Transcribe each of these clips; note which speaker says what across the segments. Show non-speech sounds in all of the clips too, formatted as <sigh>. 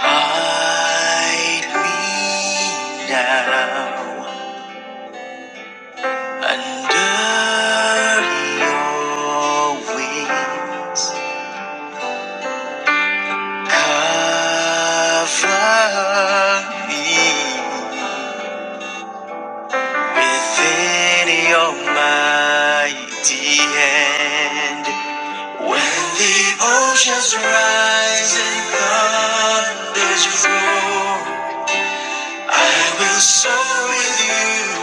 Speaker 1: Hide me now under your wings. Cover me within your mighty hand. When the oceans rise and thunders roar. I will soar with you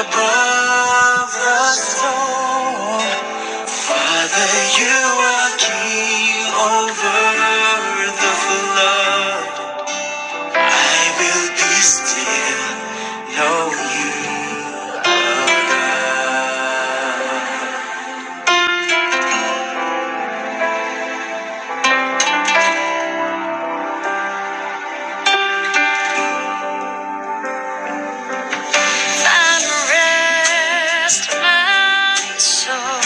Speaker 1: above the storm. Father, you are king over the flood. I will be still, know you are God. Find rest, my soul,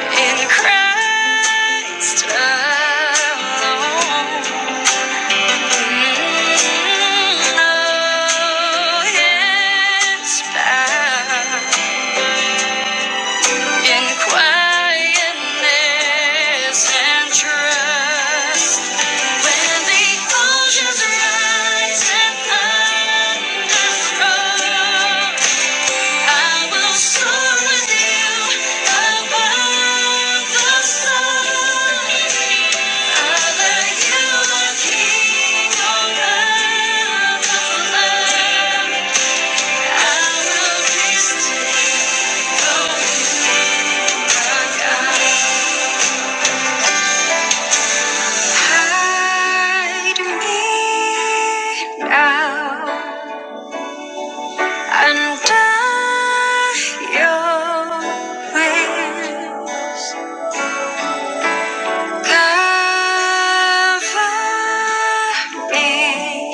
Speaker 1: in Christ alone. Oh, it's in quietness and trust. When the oceans rise and thunder roll, I will soar with you above the storm. Father, you are over the I will feast on you, my God. Hide me now under your wings. Cover me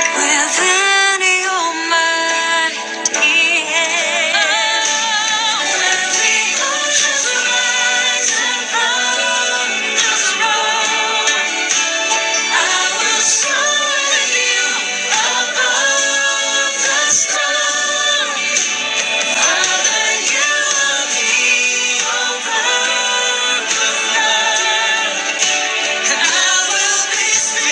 Speaker 1: within your mighty hand. Let the oceans rise and roar, just I will soar with you above the stars. Under you will be a peaceful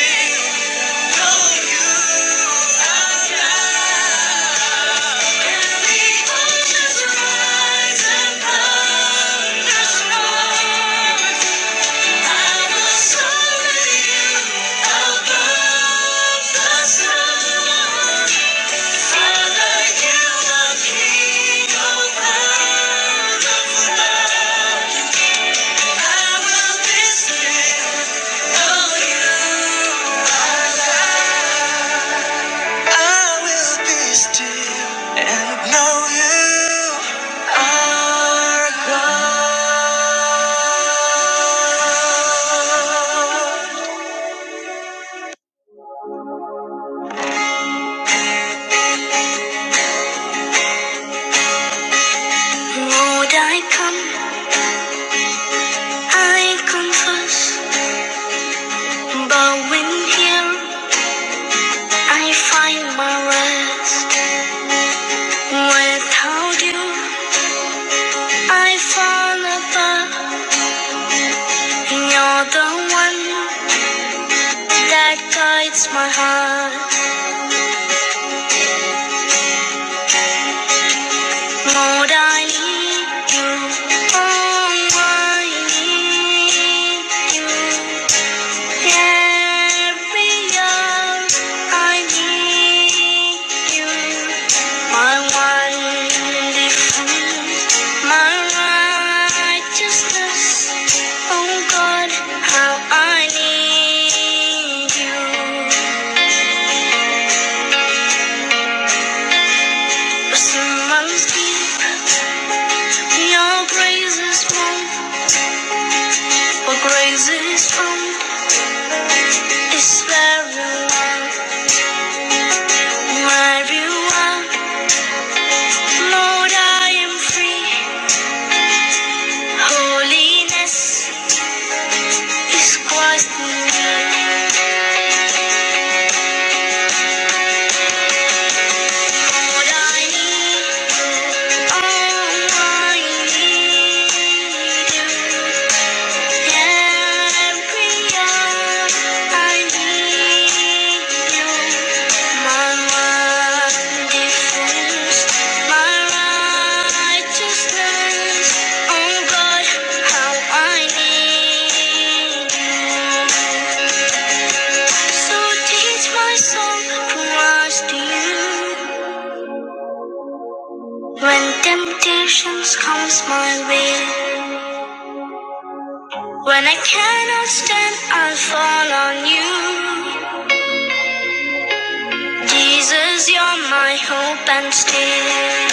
Speaker 1: I will soar with you, the sea I will be still and know you are God. Would I come? I confess, bowing here, I find my rest. Without you, I fall apart. You're the one that guides my heart. Lord, I need you. Oh, I need you. Carry on, I need you, my wonderful, my righteousness. Oh God, how I need you. Someone's deep, your grace is warm, where grace is from is where you are, where you are. Lord, I am free. Holiness is quite near. What I need, Oh, I need. You, Every hour I need you. My one defense, my righteousness. Oh God, how I need you. So teach my soul to us to you. When temptations comes my way, when I cannot stand, I'll fall on you. Jesus, you're my hope and stay.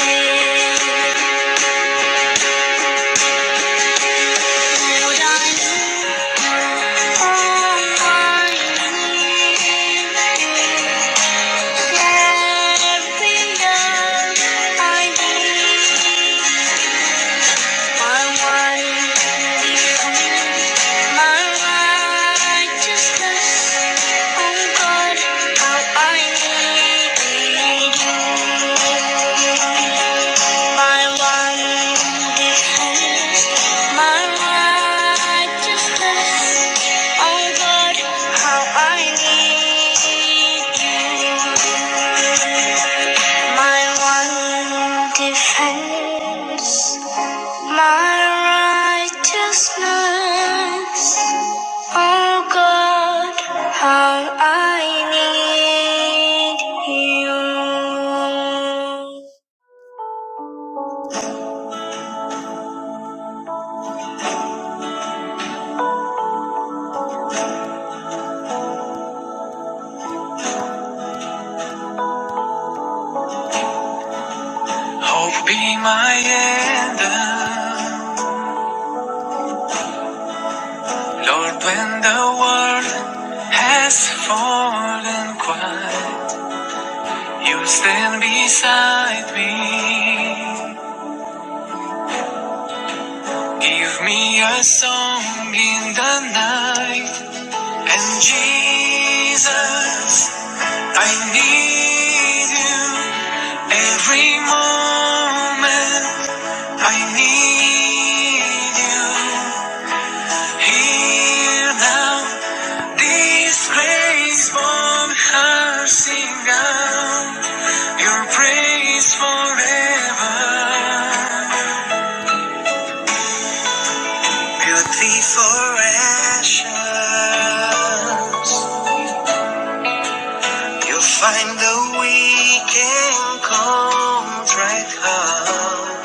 Speaker 1: Would I lose all my every love I need? I want you. My righteousness, oh God, how I need Thee. My one defense, my righteousness, oh God, how I need Thee. My one defense, my righteousness, Oh God, how I need you. Hope be my anthem, Lord, when the world has fallen quiet, you stand beside me. Give me a song in the night, and Jesus. I need you every moment. I need you here now. This grace from her sing out your praise forever. Beauty for ashes. You find the weekend comes right home.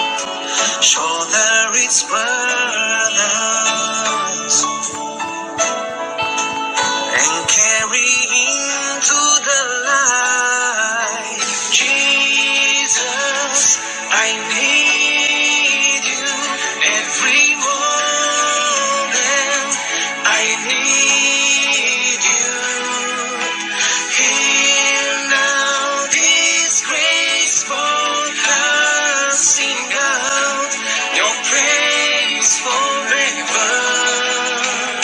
Speaker 1: Show that it's worth presence and carry into the light. Jesus, I need you every moment. I need you. Hear now this graceful heart sing out your praise forever.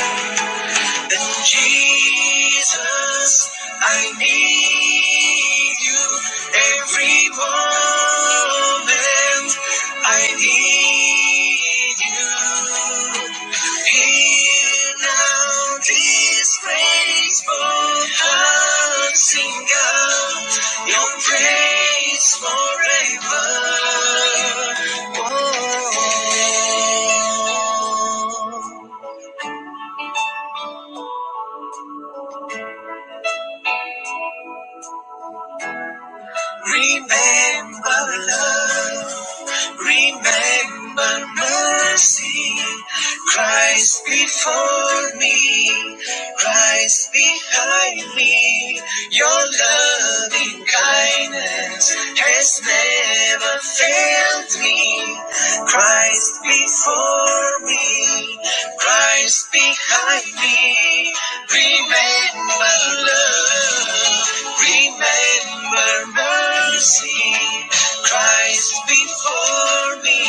Speaker 1: And Jesus, I need you every moment. I need you. Heal now this graceful heart, sing out your praise forever. Remember love. Remember mercy, Christ before me, Christ behind me. Your loving kindness has never failed me. Christ before me, Christ behind me. Remember love, remember mercy. Christ before me,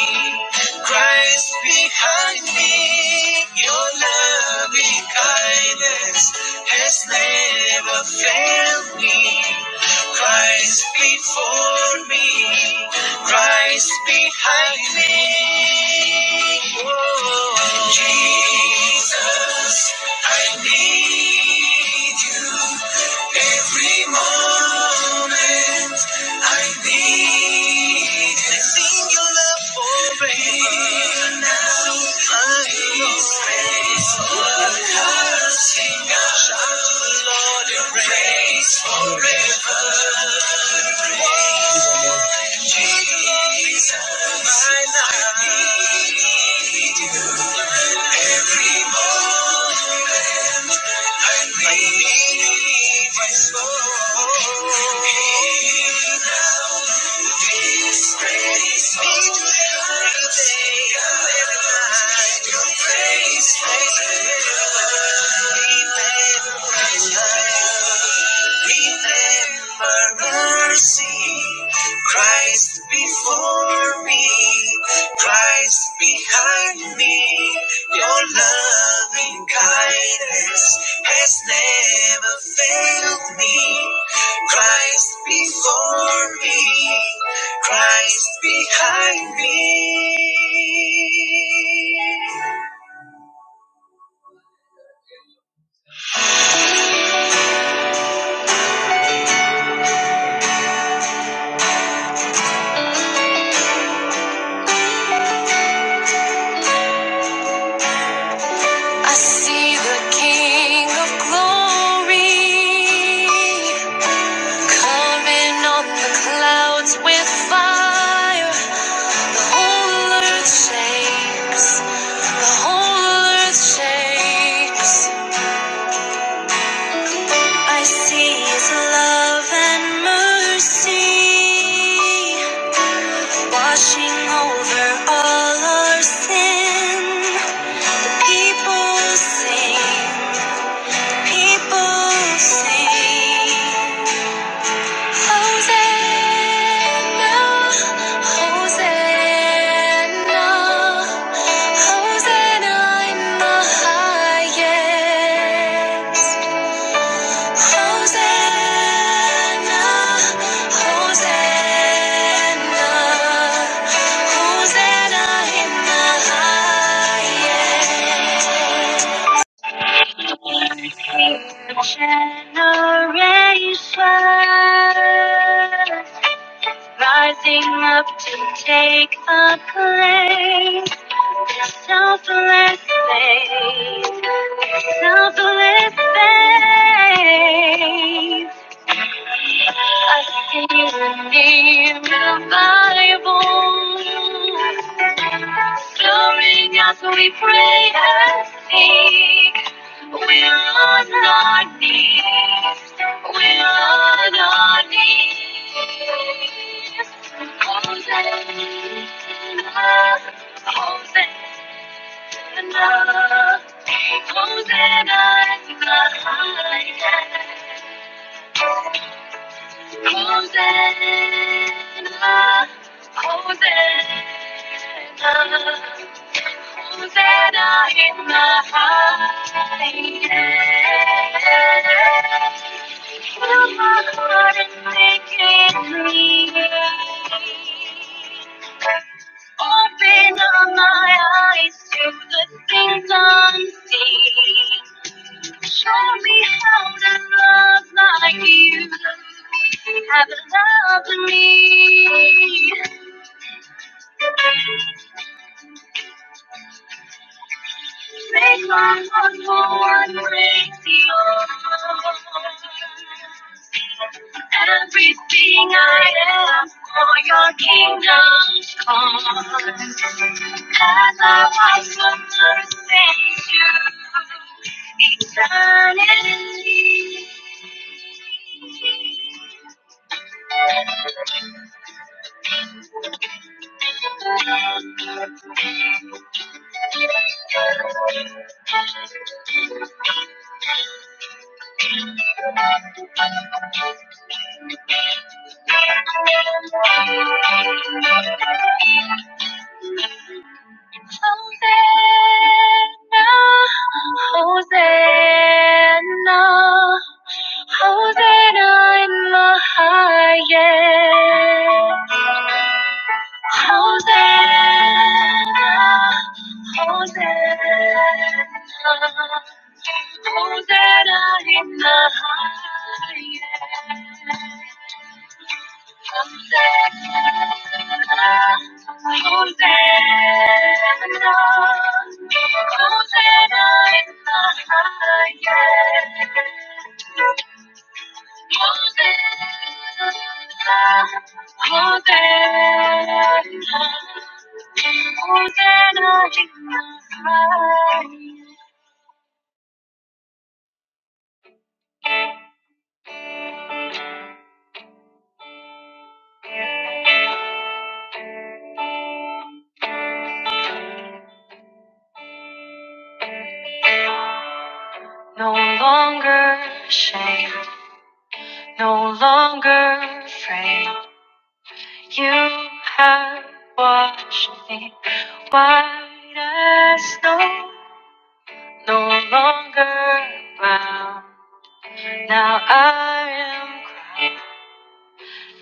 Speaker 1: Christ behind me, your loving kindness has never failed me. Christ before me, Christ behind me. Oh, Jesus, I need you every morning. I need to sing your love for me. I need my soul. Need you every day, every night, even when I'm Remember mercy, Christ before me, Christ behind me. Your loving kindness has never failed me. Christ before me, Christ behind me. I see the King of Glory. Pouring on the clouds with fire, the whole earth shakes. The whole earth shakes. I see His love and mercy washing over all our sin. The people sing, people sing. Hosanna, Hosanna, Hosanna in the highest. Hosanna, Hosanna, Hosanna in the highest. Generations rising up to take the place. There's selfless faith, there's selfless faith. I see the name in the Bible, soaring as we pray and seek. We are not knees. We are not knees. Hosanna, Hosanna, Hosanna in the highest. Hosanna, Hosanna. Hosanna in the highest. Fill my heart and make it clean. Open up my eyes to the things unseen. Show me how to love like you have loved me. Make my heart go and break the Everything I am for your kingdom come. As I watch the earth thank you eternally. Thank you. Hosanna, Hosanna, Hosanna in the highest. Hosanna, Hosanna, Hosanna in the highest. No longer shame, no longer frame. You have washed me white as snow, no longer bound. Now I am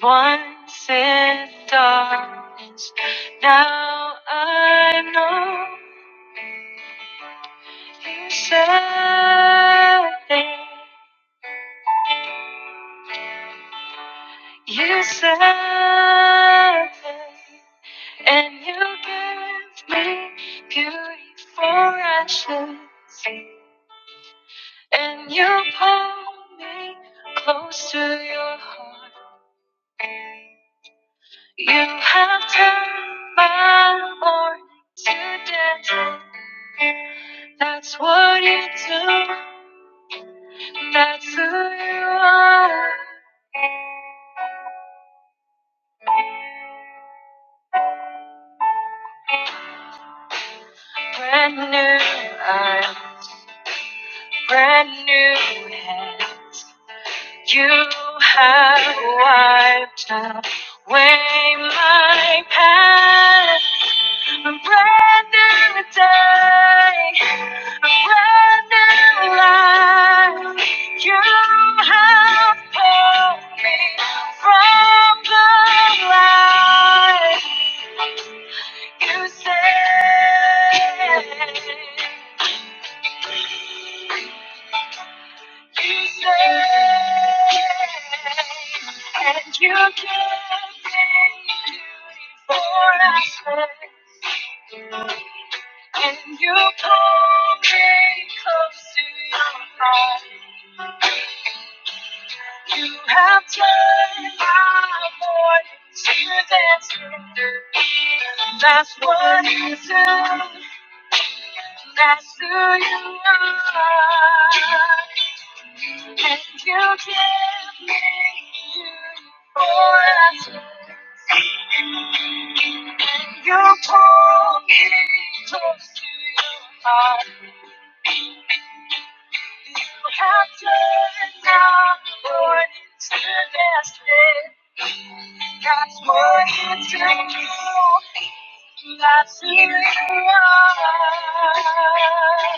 Speaker 1: crowned once in darkness. Now I know you said it. You said it, and you gave me beauty for ashes. And you pull me close to your heart. You have turned my morning to dancing. That's what you do. That's who you are. Brand new, I'm brand new hands. You have wiped away my past. A brand new day, a brand new life. You have pulled me from the light. You said. You say, and you can't take before I say, and you pull me close to your heart. You have turned my morning to dancing. and That's what you do. That's who you are. And you give me beautiful answers. And you pull me close to your heart. You have turned our morning to destiny. God's morning to you. That's who you are.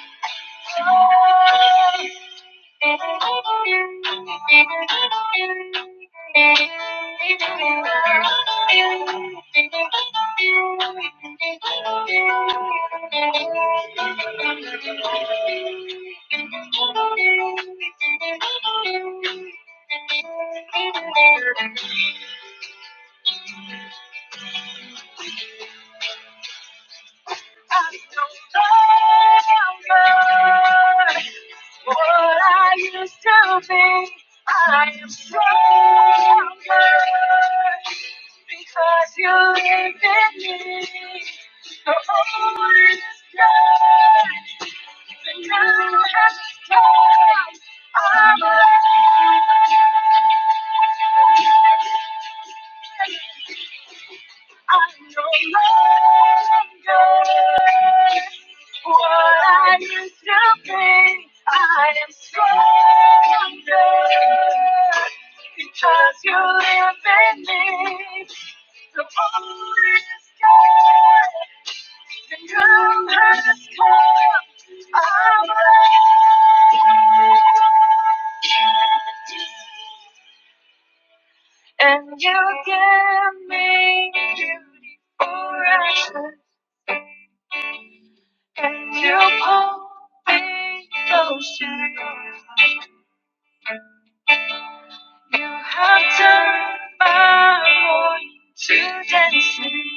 Speaker 1: Thank you. I don't know what I used to be. I am stronger because you live in me. The old is gone, the new has come. I'm alive. I'm no longer what I used to be. I am stronger because you live in me. The Holy Spirit, the new has come. I'm ready. And you gave me beauty for ashes. And you pulled me close to you. You have turned my morning to dancing.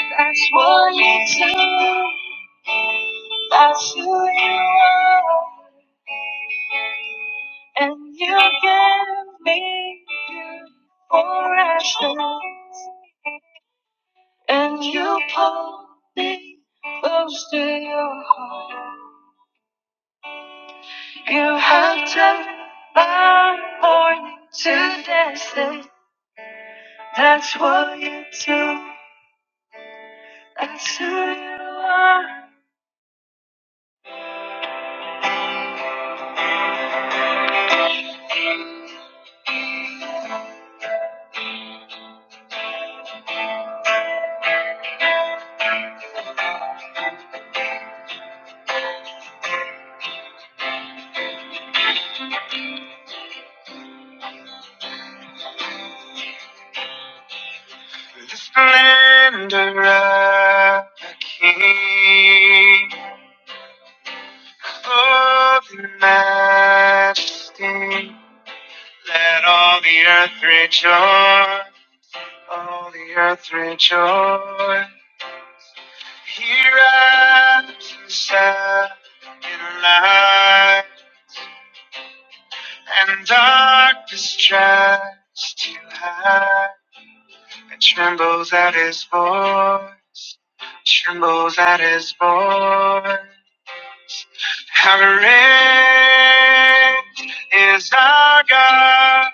Speaker 1: That's what you do. That's who you are. And you gave me beauty for ashes. And you pull me close to your heart. You have turned my morning to dancing. That's what you do. That's who you are. The splendor of the King, of your majesty. Let all the earth rejoice. All the earth rejoice. Here I can stand in light and darkness tries to hide. It trembles at his voice, trembles at his voice. How great is our God?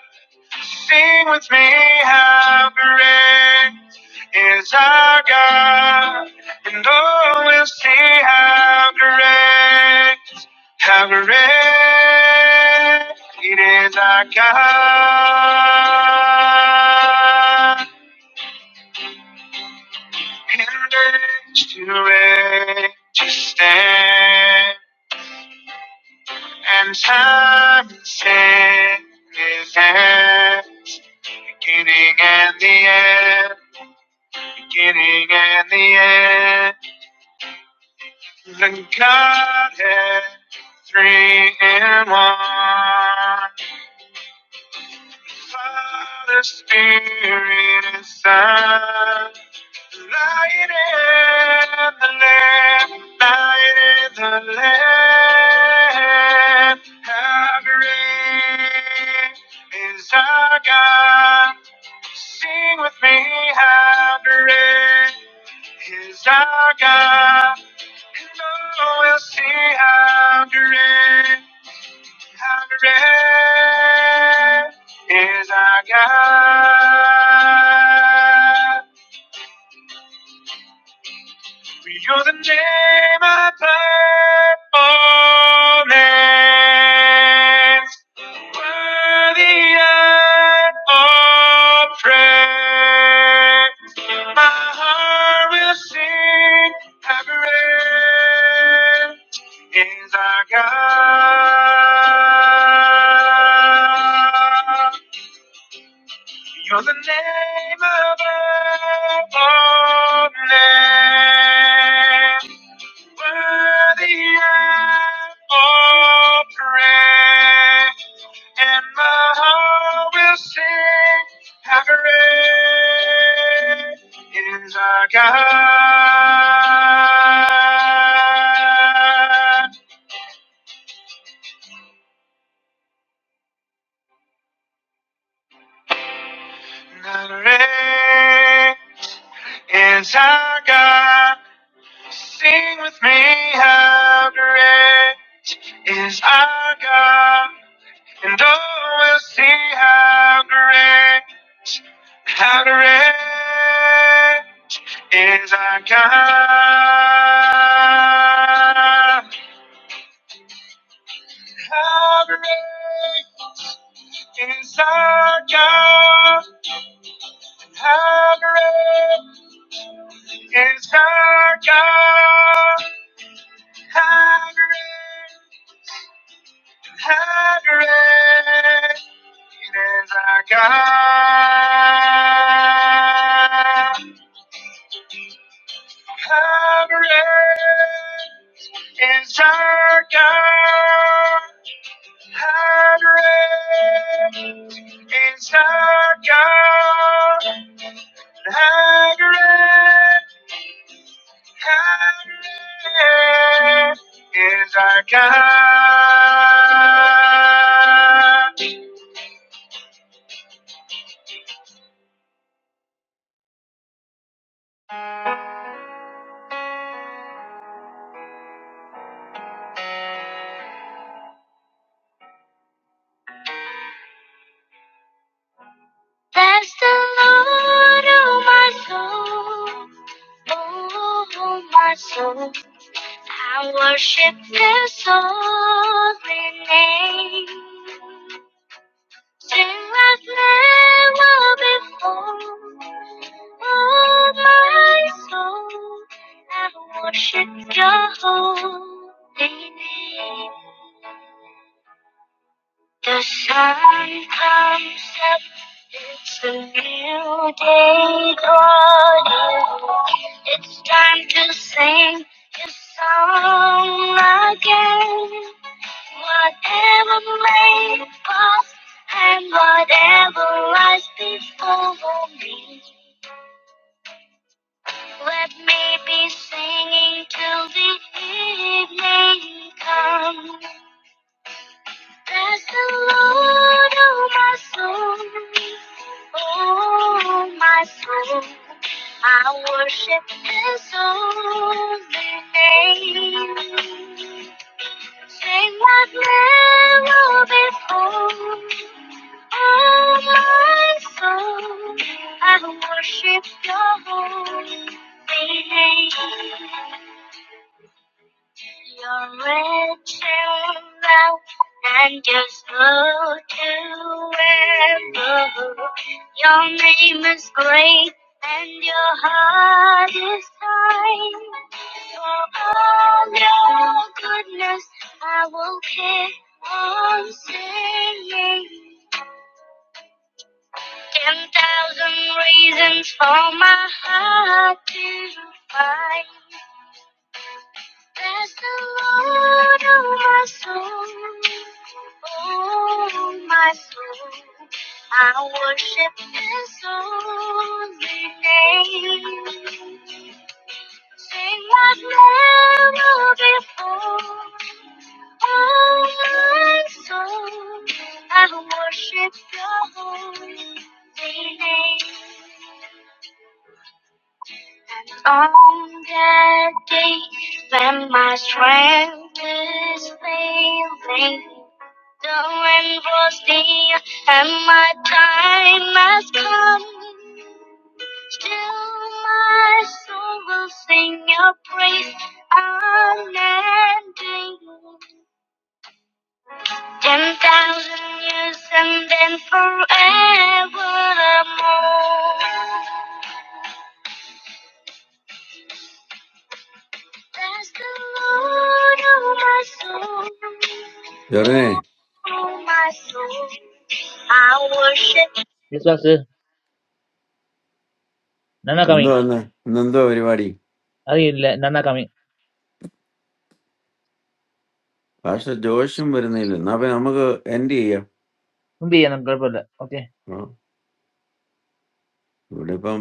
Speaker 1: Sing with me, how great is our God, and all will see how great, how great is our God. And age to age to stand, and time and sin is end, beginning and the end. beginning and the end. The Godhead, three in one. Father, Spirit, and Son. Light in the land, light in the land. How great is our God? Sing with me, how great is our God? And now we'll see how great, how great is our God. For you're the name above all names. Worthy art all praise. My heart will sing how great is our God. You're the name above all names. Worthy of all praise, and my heart will sing. How great is our God? How great is our God? Sing with me, how great is our God? And oh, we'll see how great. How great is our God? How great is our God? How great is our God? How great, how great is our God? How great is our God? Hagrid is our God. Hagrid, Hagrid is our God. That's the Lord, oh my soul, oh my soul. I worship His holy name. Sing as never before. Oh, my soul, I've worshipped your holy name. The sun comes up, it's a new day dawning. It's time to sing this song again. Whatever may pass and whatever lies before me, let me be singing till the evening comes. Bless the Lord, oh my soul, oh my soul. I worship His holy name. Sing what never before. All my soul, I worship your holy name. You're rich in love and just good to ever. Your name is great and your heart is kind. For all your goodness, I will keep on singing. Ten thousand reasons for my heart to find. Bless the Lord of my soul, oh my soul. I worship His holy name. Sing like never before. Oh, my soul, I worship your holy name. On that day when my strength is failing, the rain was near and my time has come. Still my soul will sing your praise unending. Ten thousand years and then forevermore. Bless the Lord, oh my soul.
Speaker 2: ചെറുനെ
Speaker 1: Oh, oh my soul. I worship
Speaker 2: എന്തോ ഇന്ന് ഇന്നെന്തോ പരിപാടി ഭാഷ ജോഷും വരുന്നില്ല എന്നാ പിന്നെ നമുക്ക് end ചെയ്യാം ആ, ഇവിടെ ഇപ്പം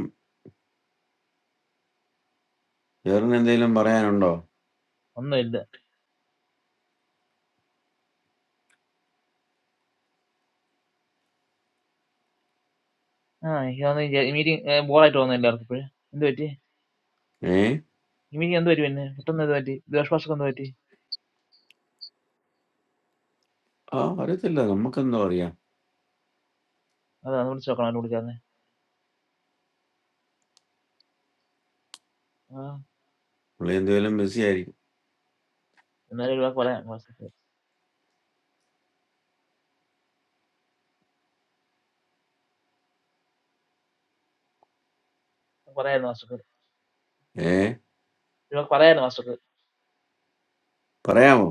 Speaker 2: ചെറുന് എന്തെങ്കിലും പറയാനുണ്ടോ ഏ ആ അറിയത്തില്ല നമുക്കെന്തോ അറിയാം പുള്ളി എന്തെങ്കിലും ബിസി ആയിരിക്കും ഏ പറയാമോ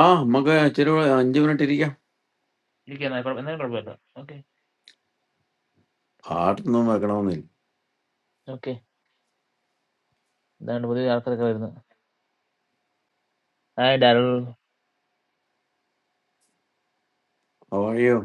Speaker 2: ആ നമുക്ക് ഇച്ചിരി കൂടെ അഞ്ച് മിനിറ്റ് ഇരിക്കാം പാട്ടൊന്നും വെക്കണമെന്നില്ല അവയോ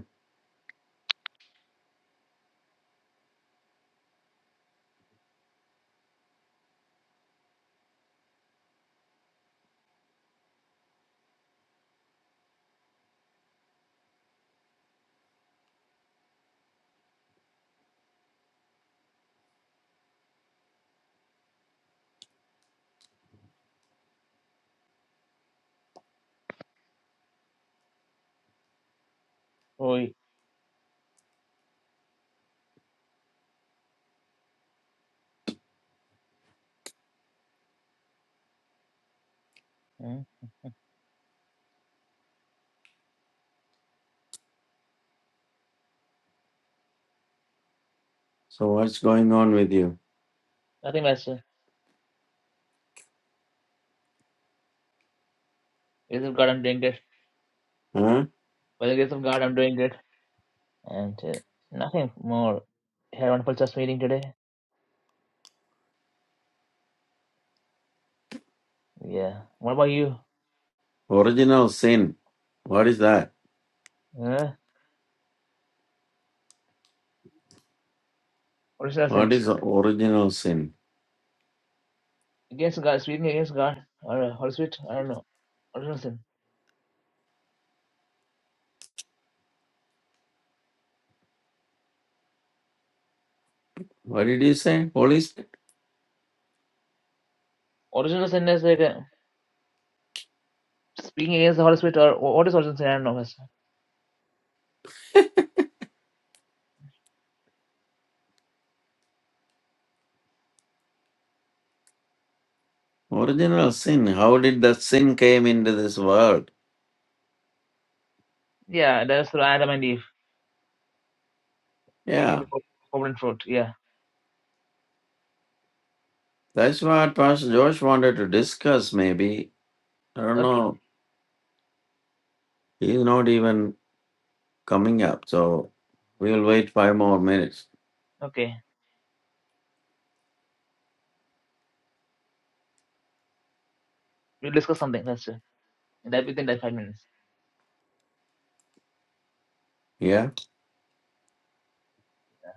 Speaker 2: so what's going on with you original sin what is that what is original sin what did you say പോളീസ് Original sin. How did the sin came into this world? Yeah, that's what Pastor Josh wanted to discuss. Maybe I don't know. He's not even coming up, so we'll wait five more minutes. Yeah,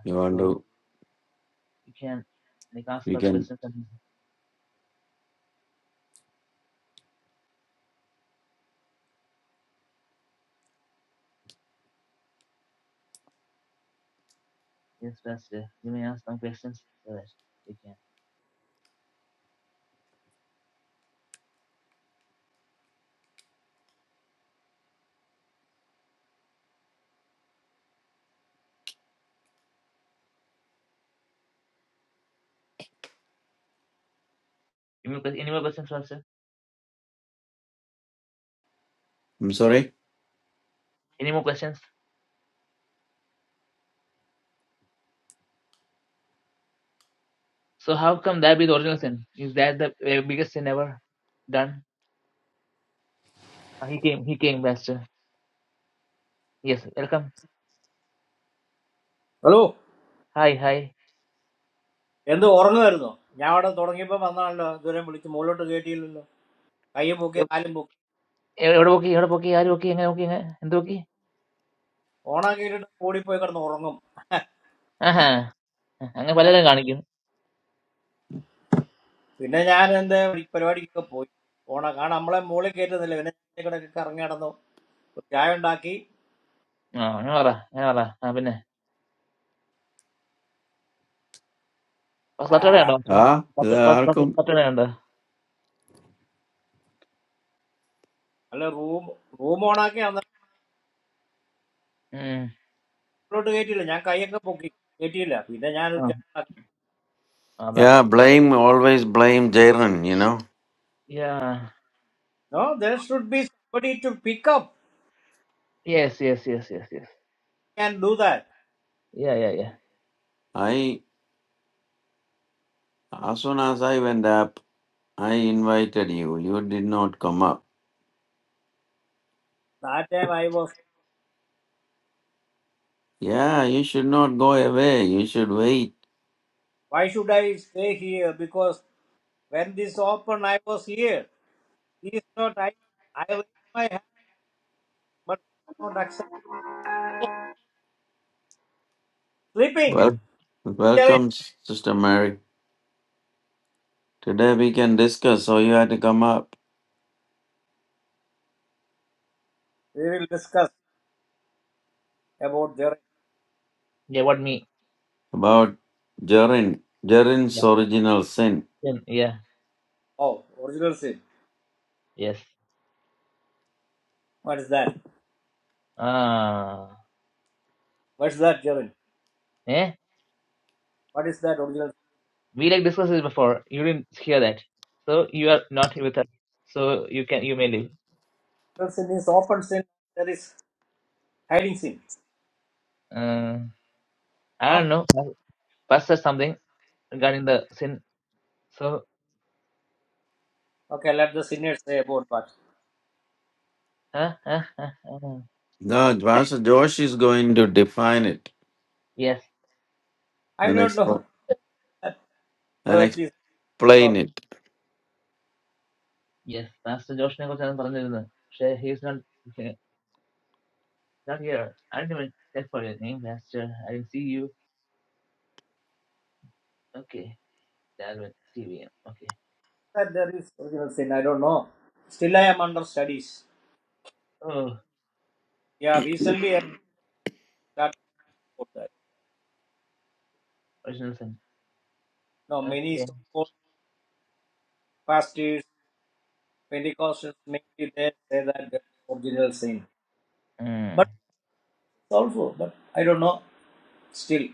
Speaker 2: you want to? We can. I'm sorry.
Speaker 3: Hello, and the Orangano. Yavada Torangipa Mananda, the Remulic Molo to get ill. Kayabuke, Alimbook. Ona gated forty poker no orangum. Pinajan and the periodic poet. Ona Kanamla Molekated the Levena Karangano. Jayandaki,
Speaker 2: Ah, ഇത് ആർക്കും?
Speaker 3: Rumonaki, and the Molo to get ill. Yakayabuki, get ill. Pinajan.
Speaker 2: Yeah, blame always blame Jaren. You know,
Speaker 3: No, there should be somebody to pick up and do that.
Speaker 2: I as soon as I went up, I invited you. You did not come up.
Speaker 3: That time I was.
Speaker 2: Yeah, you should not go away. You should wait.
Speaker 3: Why should I stay here? Because when this opened, I was here. He is not. I, I raise my hand, but he is not accept. You are sleeping.
Speaker 2: Well,
Speaker 3: Jaren.
Speaker 2: welcome, Sister Mary. Today we can discuss, so you had to come up,
Speaker 3: We will discuss about Jaren.
Speaker 2: about Jarin, Jarin's original sin.
Speaker 3: Oh, original sin. What is that? What is that, Jaren? What is that original sin? Original sin is open sin. There is hiding sin. Huh? Okay, let the sinners say about that.
Speaker 2: No, Pastor Josh is going to define it
Speaker 3: I
Speaker 2: and,
Speaker 3: don't know
Speaker 2: expo-
Speaker 3: <laughs>
Speaker 2: and
Speaker 3: whether it is or
Speaker 2: explain
Speaker 3: not.
Speaker 2: it.
Speaker 3: That there is original sin. I don't know. Still, I am under studies. Yeah, recently I started about that. Now, many so-called pastors, Pentecostals, mainly they say that there is original sin. But also, but I don't know still.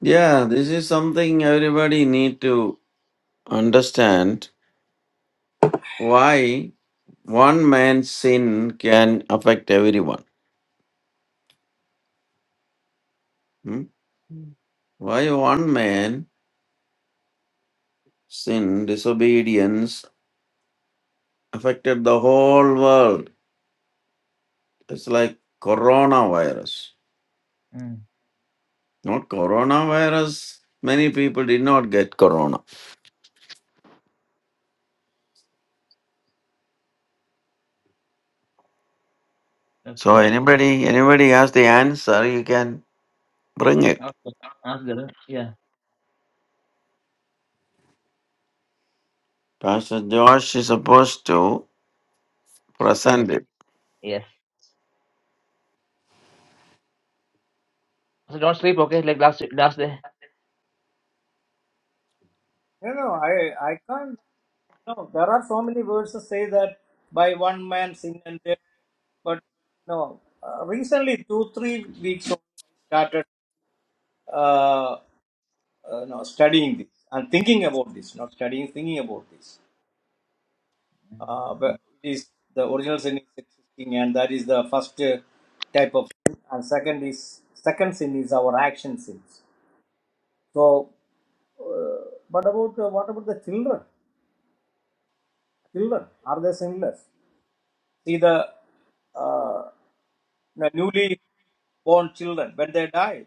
Speaker 2: Yeah, this is something everybody need to understand why one man's sin can affect everyone. hmm? Why one man sin, disobedience affected the whole world. It's like coronavirus. Not coronavirus. Many people did not get corona. So anybody anybody has the answer, you can bring it. Pastor Josh is supposed to present it.
Speaker 3: No, no, I, I can't. No, there are so many verses say that by one man sin and death. But no, uh, recently two three weeks only I started uh, uh, no studying this and thinking about this. Not studying, thinking about this. Uh, but it is the original sin is existing, and that is the first uh, type of sin. And second is second sin is our action sins. So, uh, but about uh, what about the children? children are they sinless see the uh, newly born children when they die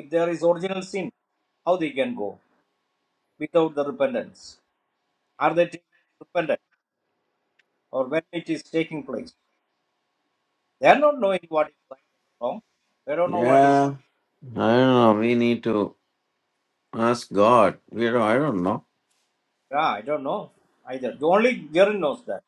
Speaker 3: if there is original sin how they can go without the repentance are they taking repentance or when it is taking place they are not knowing what is right and wrong they don't know what is
Speaker 2: Yeah.
Speaker 3: right.
Speaker 2: I don't know. We need to ask God. We don't, I don't know.
Speaker 3: yeah i don't know either the only Jaren knows that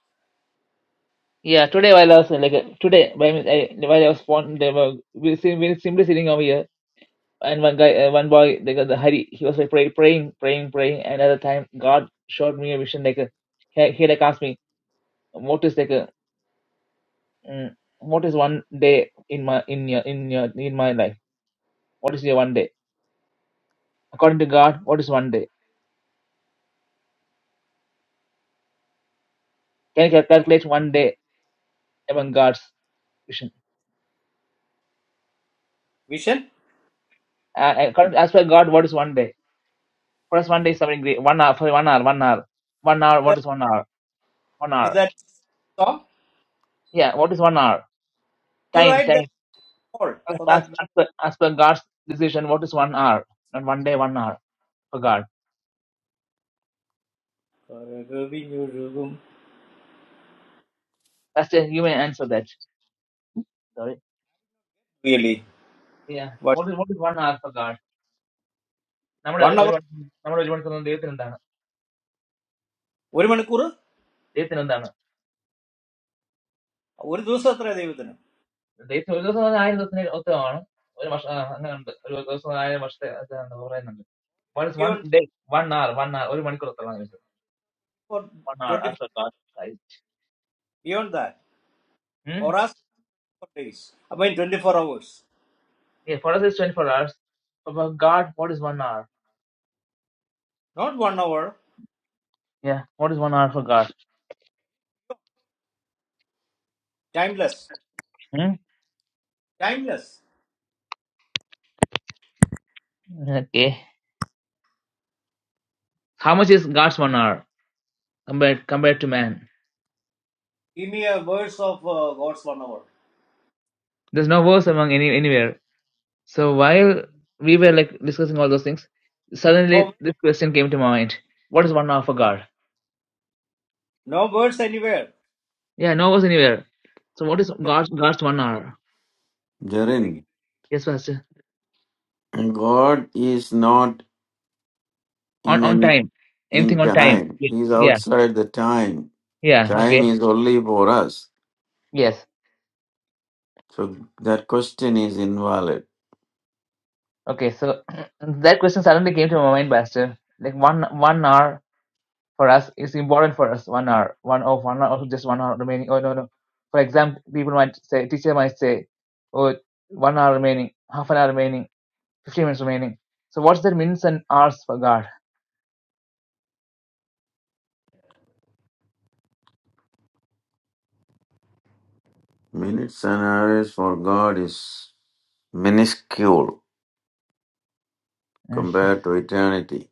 Speaker 3: vision is that is that song you write that all for that <laughs> really what one hour ഒരു മണിക്കൂർ ഒരു ദിവസം എത്ര ദൈവത്തിന് beyond for 24 beyond that for us for days i mean 24 hours not one hour timeless timeless give me a verse of uh, god's one hour no no verse anywhere just simply
Speaker 2: Jarin.
Speaker 3: thinking
Speaker 2: God is not in any in time. He's outside the time. Time is only for us. So that question is invalid. Minutes and hours for God is minuscule compared to eternity.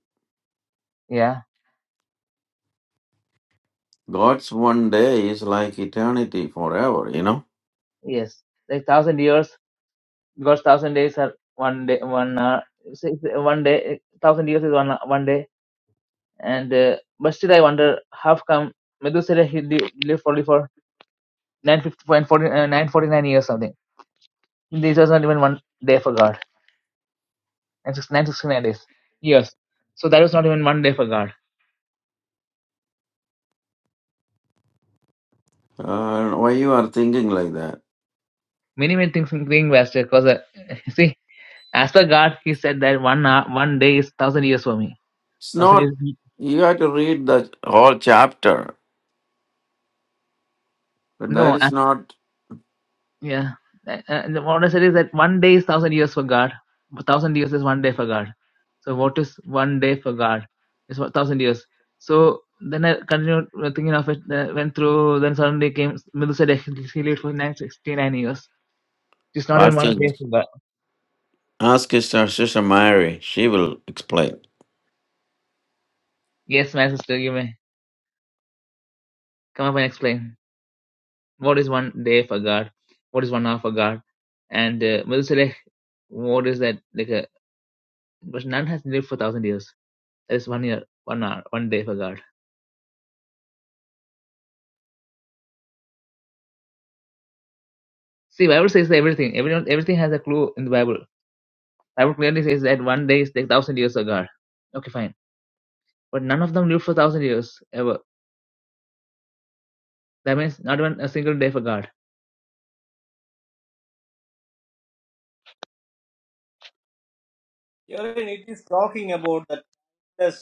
Speaker 2: God's one day is like eternity forever, you know? Uh, why you are thinking like that? It's not, you have to read the whole chapter, but that is not. Pastor, ask his sister Mary, she will explain.
Speaker 3: here it is talking about the timeless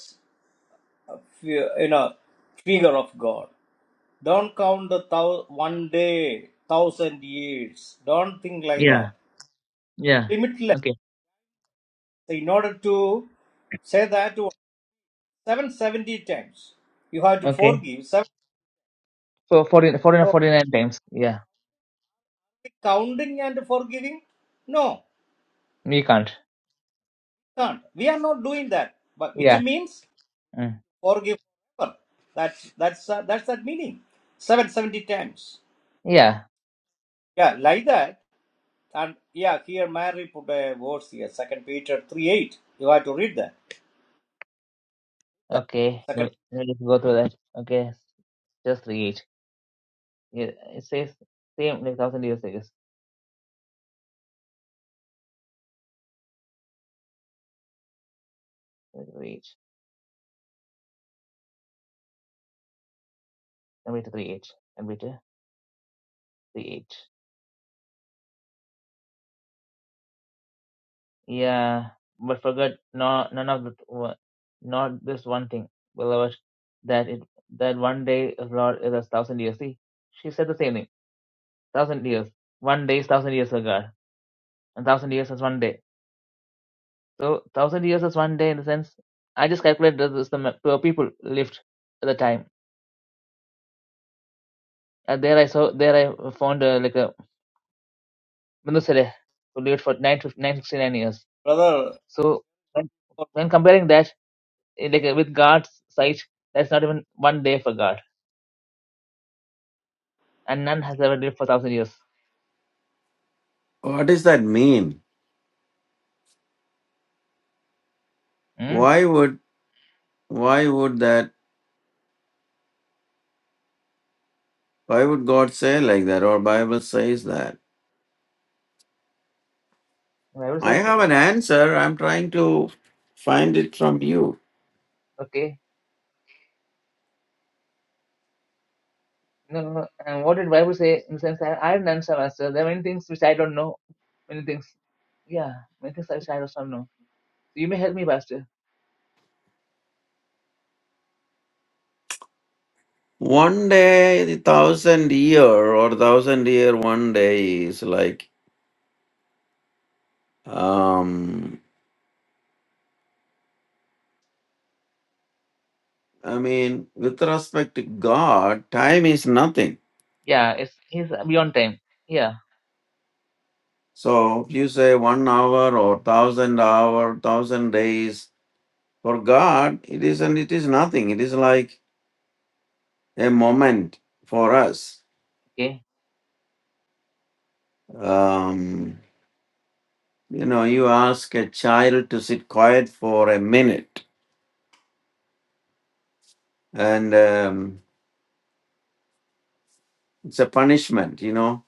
Speaker 3: uh, fi- you know figure of god don't count the thou- one day thousand years don't think like that limitless in order to say that 770 times. You have to forgive. Seven, so counting and forgiving? No, can't. We are not doing that. But which means forgive forever. That's that's uh, that's that meaning. 770 times. Yeah, like that. And yeah, here Mary put a verse here, Second Peter 3 8. You have to read that. Yeah. Second brother.
Speaker 2: What does that mean? Why would, why would that, why would God say like that or Bible says that? I have an answer. I'm trying to find it from you. One day, the thousand year or thousand year one day is like, um, I mean, with respect to God, time is nothing. So if you say one hour or thousand hour, thousand days, for God, it is isn't. it is nothing. It is like a moment for us. Um, you know, you ask a child to sit quiet for a minute and um, it's a punishment, you know.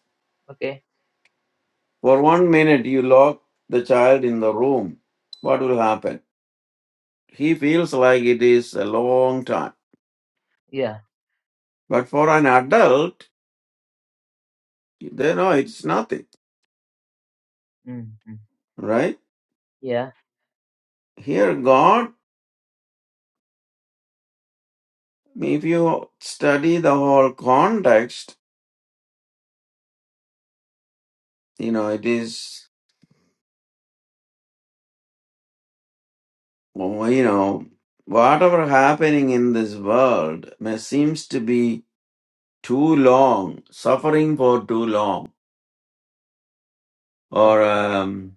Speaker 2: For one minute, you lock the child in the room, what will happen? He feels like it is a long time. But for an adult, they know it's nothing, right? Here, God, if you study the whole context, you know, it is, well, you know, whatever happening in this world may seems to be too long, suffering for too long, or. Um,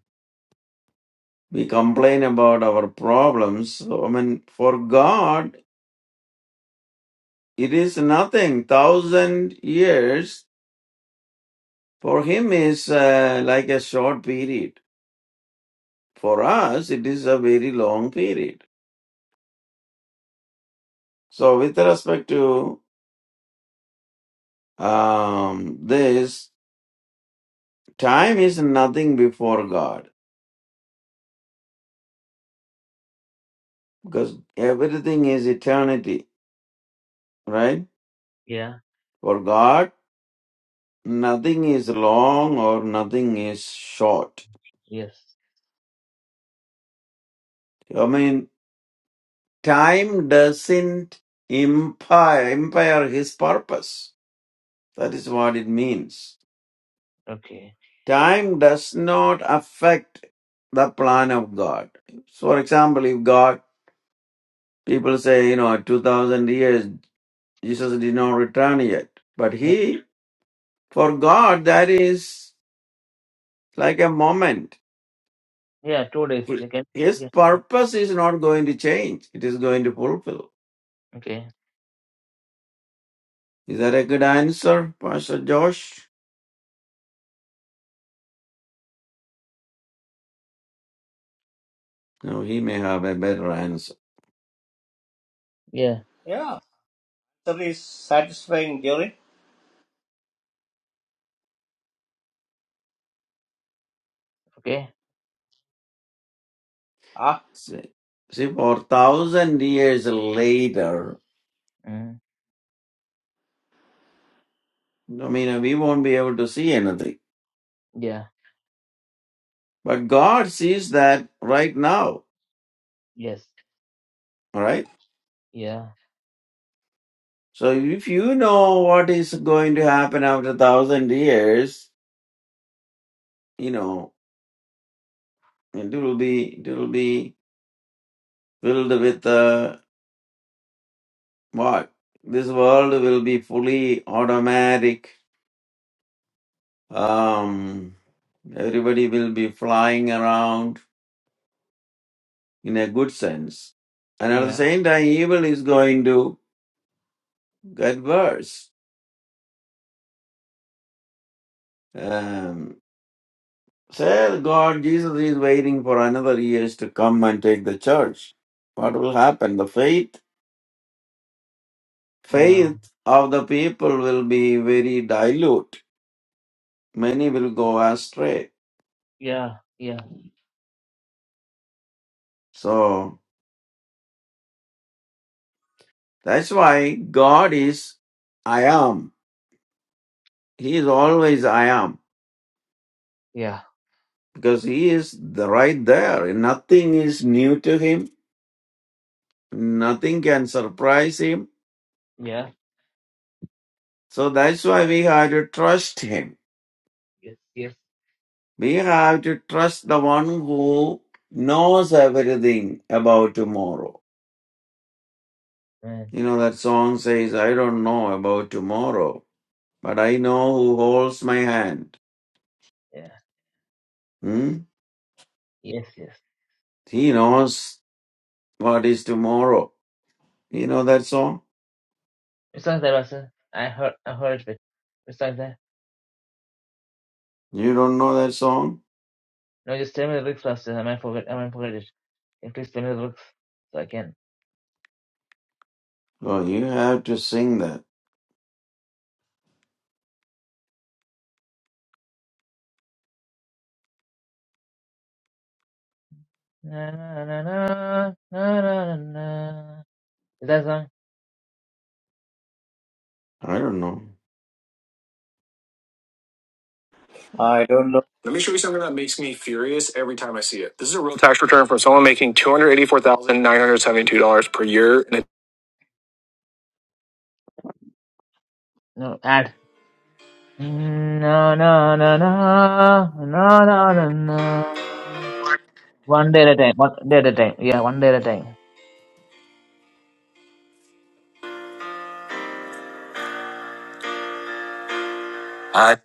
Speaker 2: We complain about our problems. So, I mean, for God, it is nothing. Thousand years for Him is uh, like a short period. For us, it is a very long period. So, with respect to um, this, time is nothing before God because everything is eternity, right? For God, nothing is long or nothing is short. I mean, time doesn't impair, impair his purpose. That is what it means. Time does not affect the plan of God. So, for example, if God, people say, you know, 2000 years, Jesus did not return yet. But he, for God, that is like a moment. His purpose is not going to change. It is going to fulfill. Is that a good answer, Pastor Josh? No, he may have a better answer.
Speaker 3: Yeah. That is satisfying, Jerry. Ah,
Speaker 2: See, see, for thousand years later, I mean, we won't be able to see anything. But God sees that right now, all right? So if you know what is going to happen after thousand years, you know, it will be, it will be filled with uh, what? This world will be fully automatic. Um, everybody will be flying around in a good sense. And at the same time, evil is going to get worse. Um, say, God, Jesus is waiting for another years to come and take the church. What will happen? The faith, faith of the people will be very dilute. Many will go astray. So that's why God is I am. He is always I am because He is the right there. Nothing is new to Him Nothing can surprise him. So that's why we have to trust him. We have to trust the one who knows everything about tomorrow. You know, that song says, I don't know about tomorrow, but I know who holds my hand. Hmm? He knows what is tomorrow. You know that song? You don't know that song? Oh, you have to sing that. I don't know.
Speaker 3: I don't know.
Speaker 2: Let me show you something that makes me furious every time I see it. This is a real tax return from someone making two hundred eighty-four thousand nine hundred seventy-two dollars per year. And I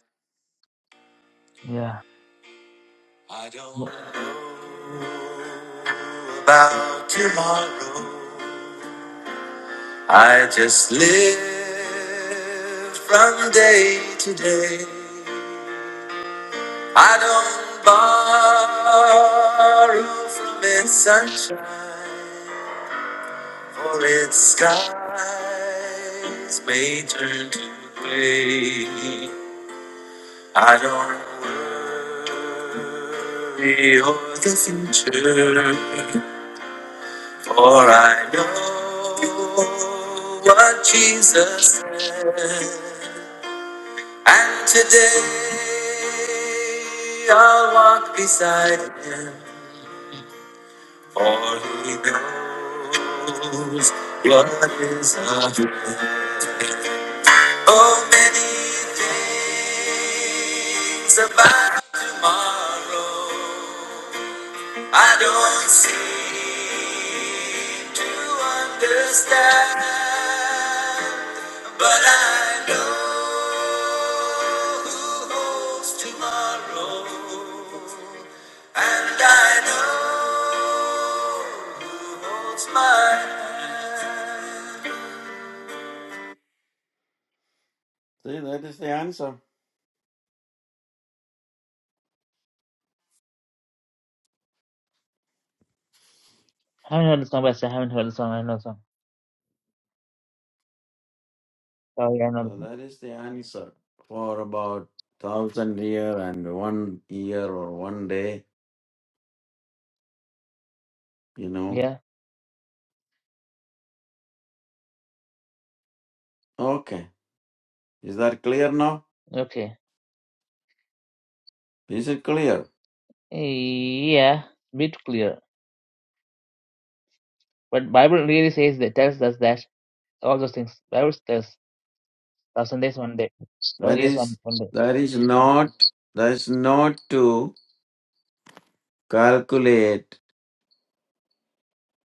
Speaker 2: I don't know about tomorrow. I just live from day to day. I don't borrow from its sunshine. Falling skies may turn to gray. I don't worry of the future, for I know what Jesus said. And today I'll walk beside him, for he knows what is ahead. Oh, many things about tomorrow I don't seem to understand, but I know who holds tomorrow, and I know who holds my hand. See, that is the answer. So that is the answer. For about thousand year and one year or one day, you know. Okay. Is that clear now? Is it clear? That is that is not that is not to calculate,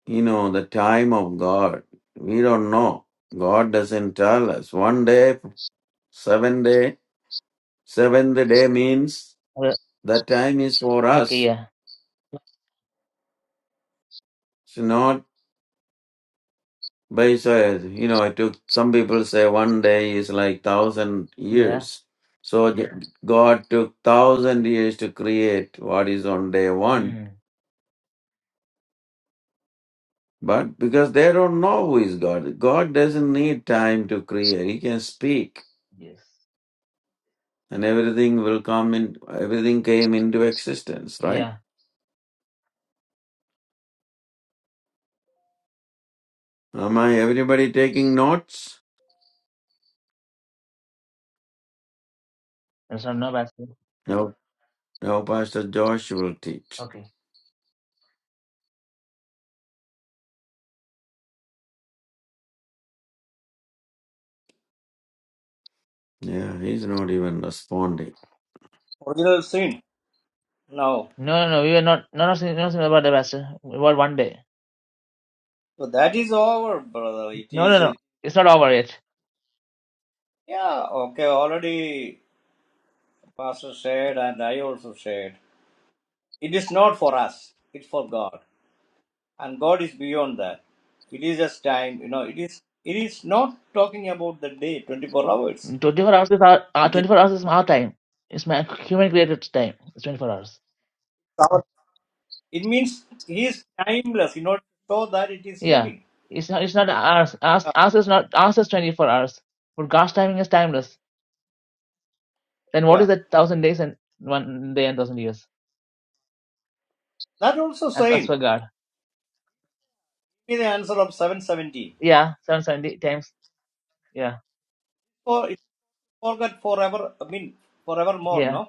Speaker 2: you know, the time of God. We don't know. God doesn't tell us. One day, seven day, seventh day means the time is for us. It's not But it's, uh, you know, it took some people say one day is like thousand years. So G- Yeah. God took thousand years to create what is on day one. But because they don't know who is God, God doesn't need time to create. He can speak, and everything will come in. Everything came into existence, right? Am I everybody taking notes? No, no. Pastor Josh will teach. Yeah, he's not even responding.
Speaker 3: Original sin. No. So that is over, brother. It is, it, yeah, okay, already Pastor shared and I also shared. It is not for us, it's for God. And God is beyond that. It is just time, you know, it is it is not talking about the day, 24 hours. It is our- it means he is timeless, you know, so that it is telling. Yeah, yeah. That also same. Give me the answer of 770. For it's forgot forever, I mean, forevermore, no?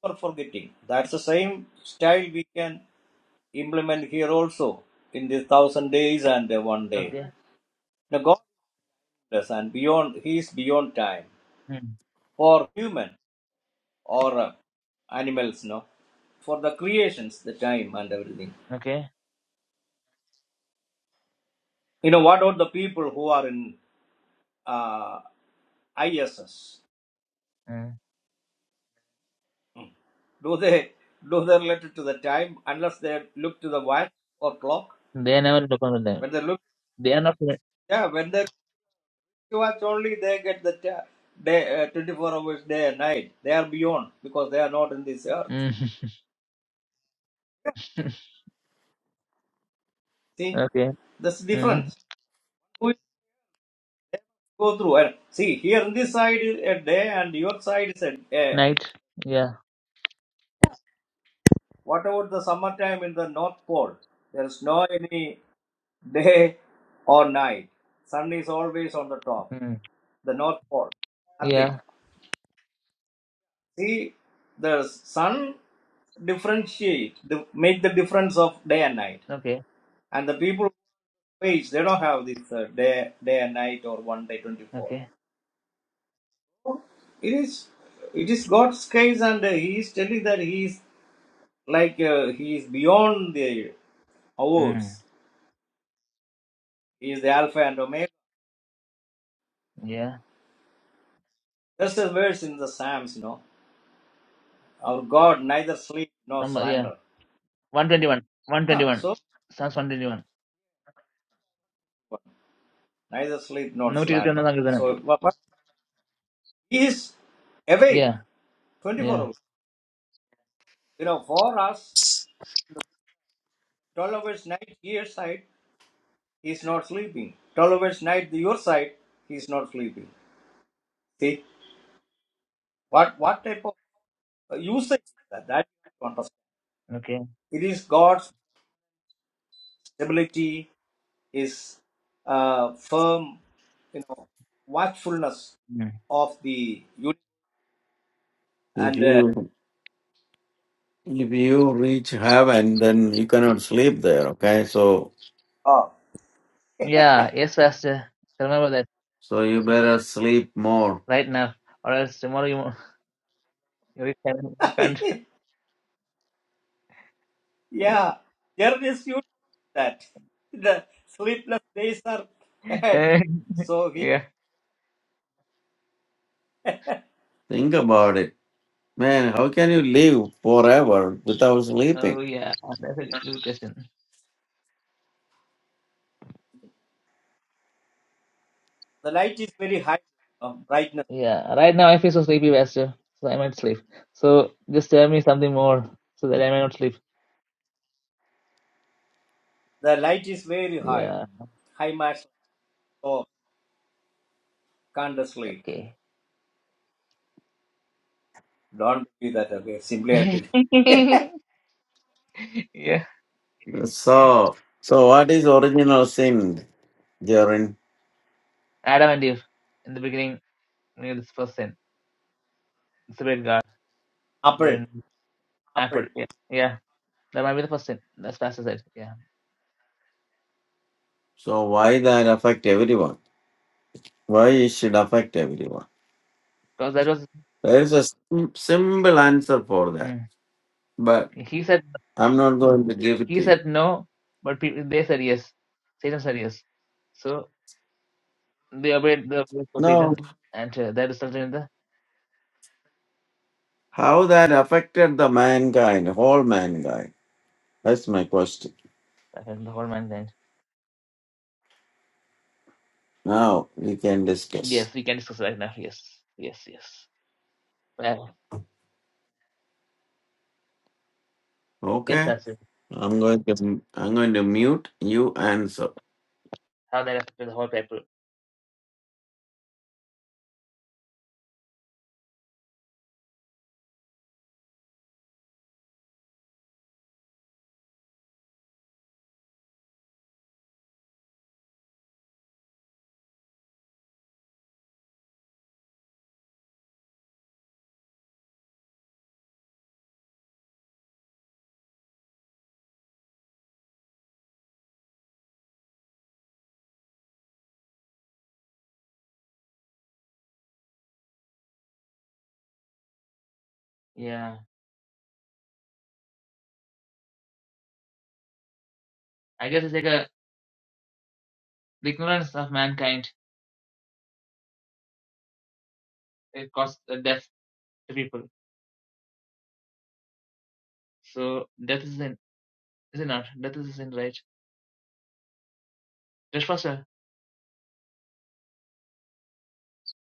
Speaker 3: for forgetting. That's the same style we can implement here also in this thousand days and the one day. Now God is and beyond, He is beyond time for human or uh, animals, no, for the creations, the time and everything. You know, what about the people who are in uh, ISS? Do they do they relate it to the time unless they look to the watch or clock? When they look, yeah, when they watch only they get the day, uh, 24 hours day and night. They are beyond because they are not in this earth. See, that's the difference. We go through and see here in this side is a day and your side is a day. What about the summertime in the North Pole? There is no any day or night. Sun is always on the top. The North Pole, Arctic. See, the sun differentiate, the, make the difference of day and night. And the people Page, They don't have this uh, day, day and night or one day, 24. It is, it is God's case, and uh, He is telling that He is like uh, He is beyond the hours. He is the Alpha and Omega. Just as verse in the Psalms, you know, our God neither sleep nor slander. Yeah, so neither sleep nor slander. So but- but He is awake 24 hours. You know, for us, 12 hours night, year side. He is not sleeping. 12 hours night, your side, he is not sleeping. See, what, what type of uh, usage is that? That you have to understand. It is God's stability, his uh, firm, you know, watchfulness of the unit.
Speaker 2: If
Speaker 3: And, uh,
Speaker 2: you If you reach heaven, then you cannot sleep there, okay? So
Speaker 3: oh.
Speaker 2: so you better sleep more.
Speaker 3: <laughs> yeah, there is you that. The sleepless days are ahead. So he,
Speaker 2: Think about it. Man, how can you live forever without sleeping?
Speaker 3: the light is very high, uh, brightness. The light is very high, high match, so can't sleep. Don't be that. Okay, simply I did. <laughs>
Speaker 2: So so what is original sin, Jaren?
Speaker 3: Apple, apple.
Speaker 2: So why that affect everyone? Why it should affect everyone? There is a sim- simple answer for that, but I'm not going to give it to you. No, how that affected the mankind, whole mankind? That's my question. Now we can discuss. Okay. I'm going to I'm going to mute you answer.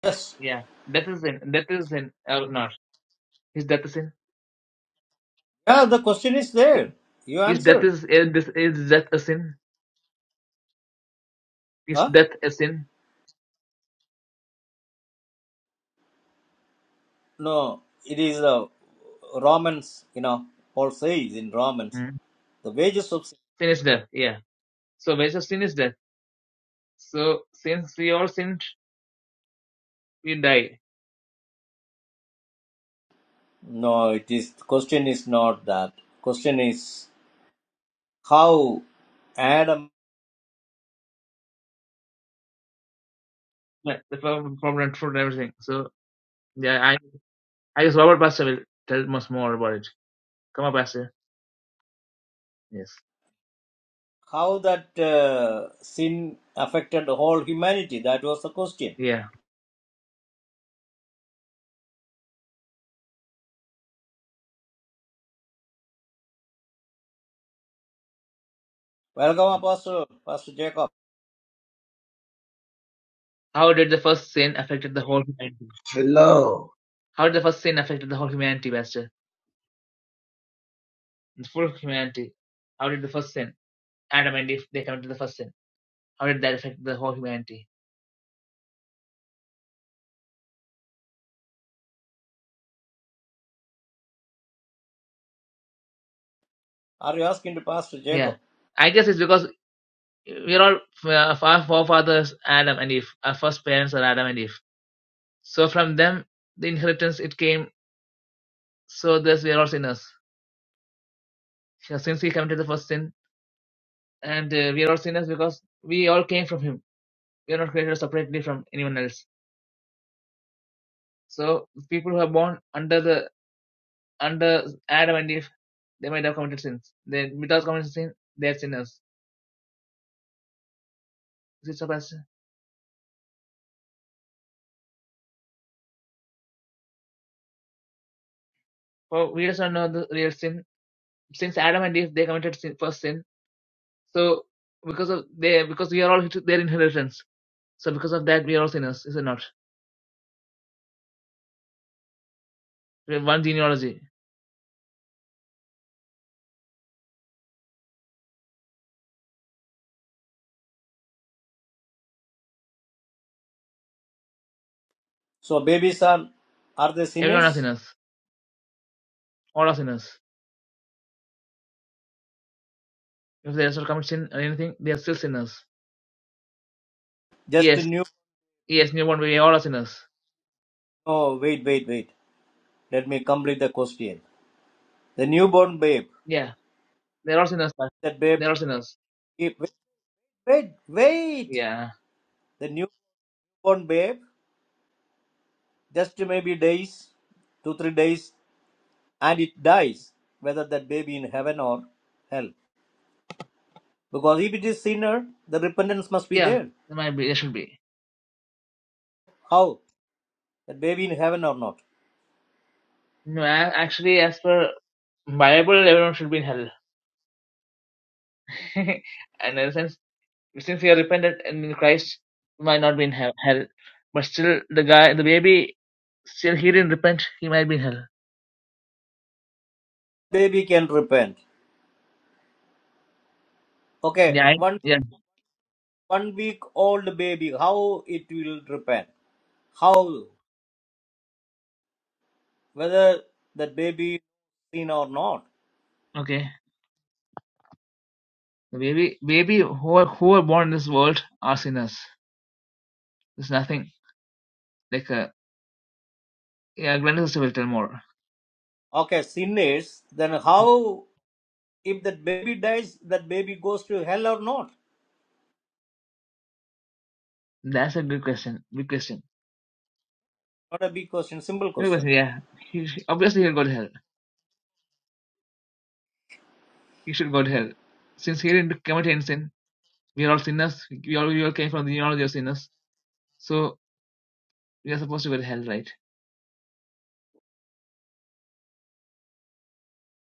Speaker 3: Yes. Yeah, the question is there. You answer. Huh? No, it is uh, Romans. You know, Paul says in Romans, the wages of sin. No, it is. Question is not that. Question is how Adam, how that uh, sin affected the whole humanity. That was the question. Welcome, Pastor, Pastor Jacob.
Speaker 4: Hello.
Speaker 3: Are you asking to Pastor Jacob? So babies are are they sinners? Just new. Oh wait, wait, wait. Let me complete the question. The newborn babe. That babe. Wait, wait, wait. The newborn babe. Just maybe days, two three days, and it dies. Whether that baby in heaven or hell. Because if it is sinner, the repentance must be there. How that baby in heaven or not? Baby can repent. Okay, one one week old baby. How it will repent? how whether that baby sin or not okay sin is then how if that baby dies that baby goes to hell or not not a big question simple question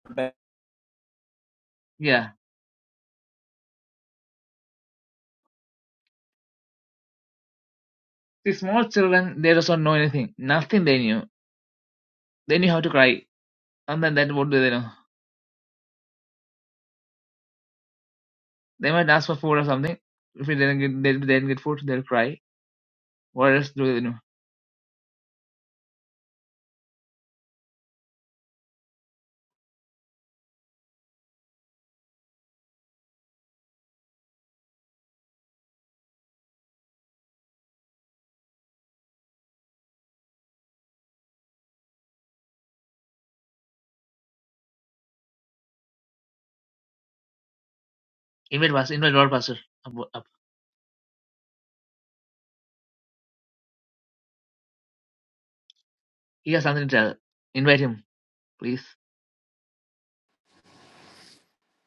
Speaker 3: But,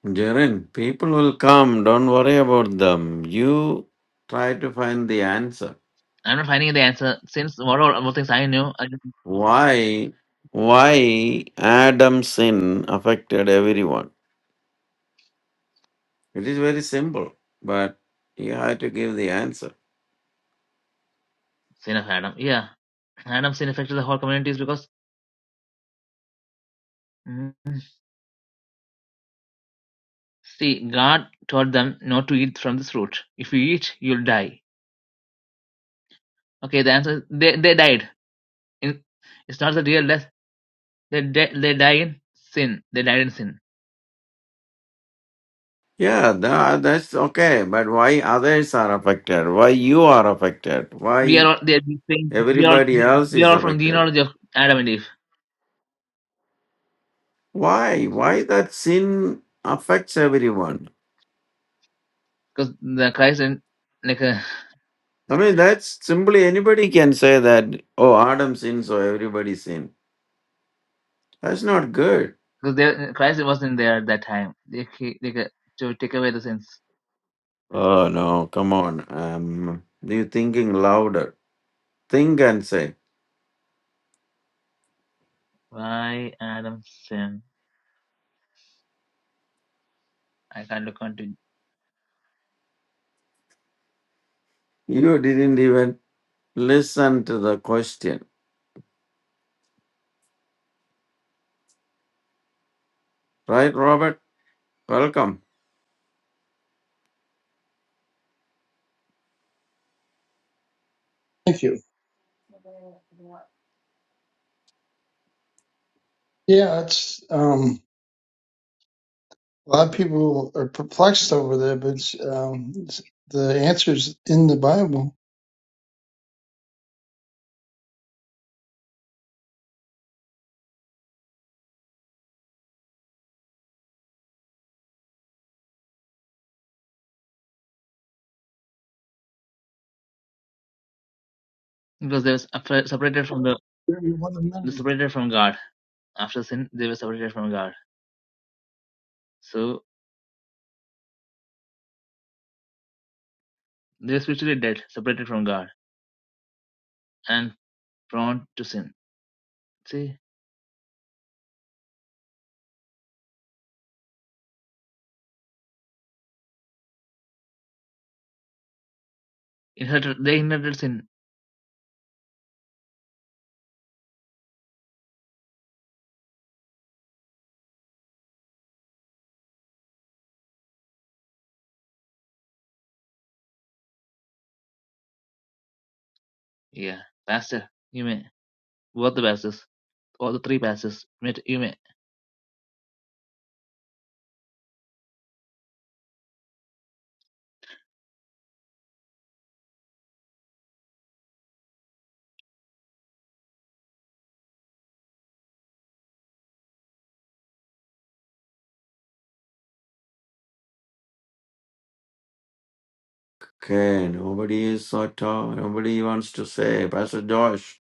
Speaker 2: Jaren, people will come, don't worry about them. You try to find the answer. Why why Adam's sin affected everyone? It is very simple, but you have to give the answer. Yeah, tha- that's okay, but why others are affected? Why you are affected? Why everybody else is affected? Why? Why that sin affects everyone? I mean, that's simply anybody can say that, oh, Adam sinned, so everybody sinned. That's not good. Oh, no, come on. Um, you're thinking louder. Think and say. You didn't even listen to the question. Right, Robert? Welcome.
Speaker 5: Thank you. Yeah, it's um, a lot of people are perplexed over that, but it's, um, it's, the answer's in the Bible. Very One of many.
Speaker 2: Okay, nobody is at all. Nobody wants to say, Pastor Josh,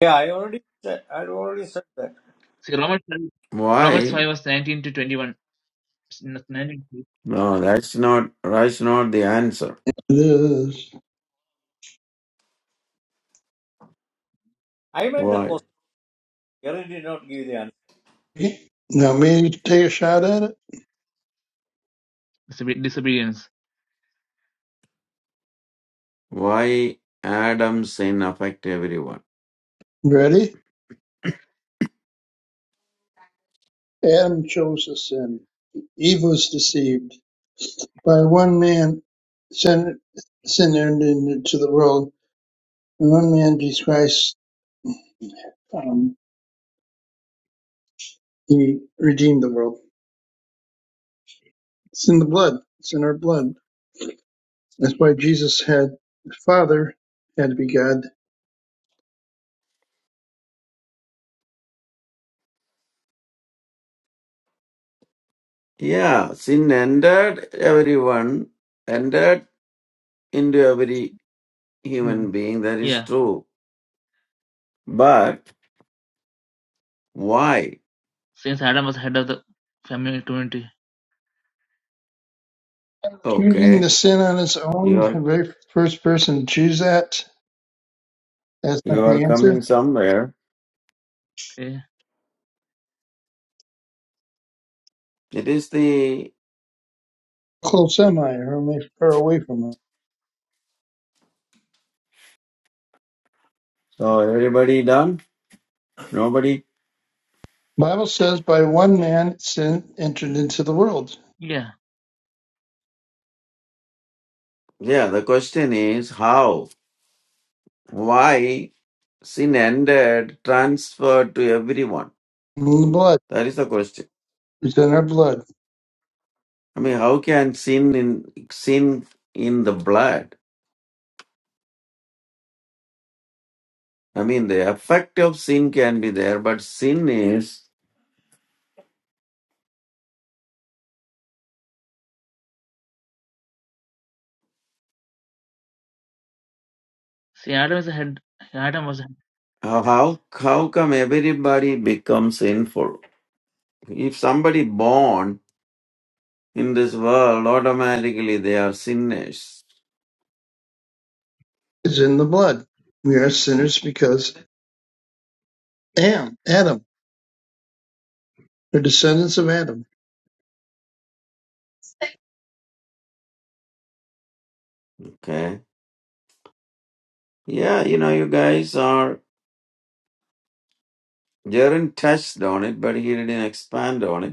Speaker 3: yeah i already said i already said that
Speaker 2: why? No, that's not, that's not the answer.
Speaker 5: It
Speaker 3: i made the
Speaker 2: Why?
Speaker 3: question you already did not give the answer
Speaker 5: is. Now, me take a shot at it.
Speaker 2: Why Adam's sin affect everyone?
Speaker 5: Ready? Adam chose to sin. Eve was deceived by one man. Sin, sin entered into the world, and one man, Jesus Christ, um, he redeemed the world. It's in the blood. It's in our blood. That's why Jesus had the Father had to be God.
Speaker 2: Yeah, sin entered everyone, entered into every human being. That is true. But why?
Speaker 5: Choosing the
Speaker 2: Okay,
Speaker 5: sin on its
Speaker 2: you
Speaker 5: own, the
Speaker 2: are
Speaker 5: very first person to choose that, that's
Speaker 2: you
Speaker 5: not
Speaker 2: are
Speaker 5: the
Speaker 2: coming
Speaker 5: answer.
Speaker 2: somewhere. It is the
Speaker 5: How close am I or am I far away from it?
Speaker 2: so everybody done. Nobody.
Speaker 5: Bible says by one man sin entered into the world.
Speaker 2: Yeah, the question is how, why sin entered, transferred to everyone.
Speaker 5: In the blood.
Speaker 2: That is the question.
Speaker 5: It's in our blood.
Speaker 2: I mean, how can sin in sin in the blood? I mean, the effect of sin can be there, but sin is how how how come everybody becomes sinful? If somebody born in this world, automatically they are sinners.
Speaker 5: It's in the blood. We are sinners because Am, Adam, the descendants of Adam.
Speaker 2: Okay, yeah, you know, you guys are. Jaren touched on it, but he didn't expand on it.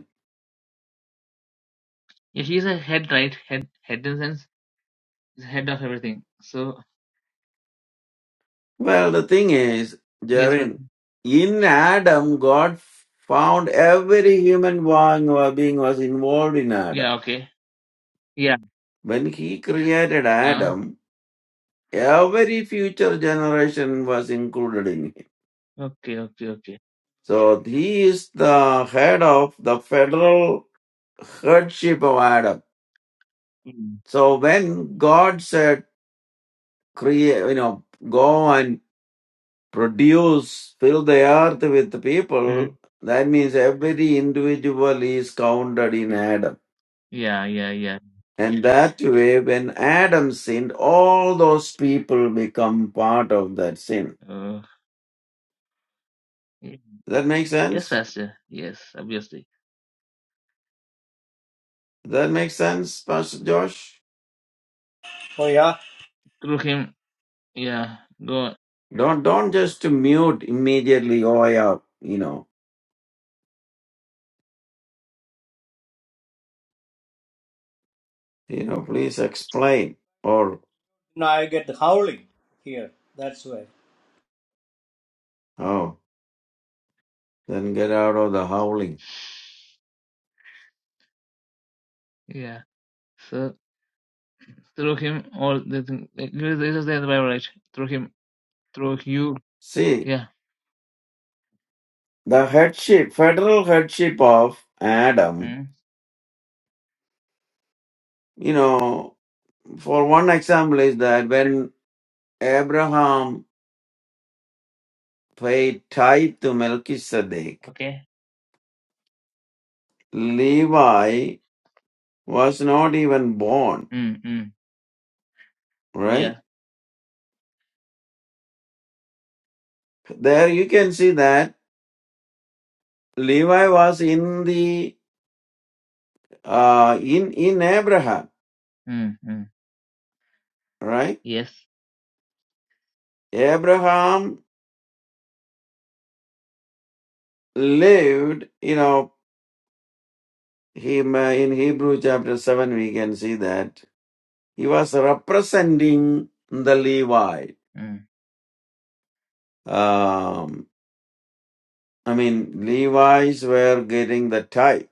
Speaker 2: Well, the thing is, Jarin, in Adam, God found every human being or being was involved in Adam. When He created Adam, every future generation was included in him. So He is the head of the federal headship of Adam. So when God said, "Create," you know, go and produce, fill the earth with people, that means every individual is counted in Adam. And that way, when Adam sinned, all those people become part of that sin. Does That makes sense? Does That makes sense, Pastor Josh?
Speaker 3: oh yeah
Speaker 2: Don't don't just mute immediately. Oh yeah, you know, you know. Please explain, or
Speaker 3: now i get howling here that's why
Speaker 2: oh, then get out of the howling. See, the headship, federal headship of Adam You know, for one example is that when Abraham paid tithe to Melchizedek, Levi was not even born, right? There you can see that Levi was in the uh, in in Abraham, right? Abraham lived, you know, him uh, in Hebrew chapter seven we can see that he was representing the Levite. um, I mean, Levites were getting the tithe.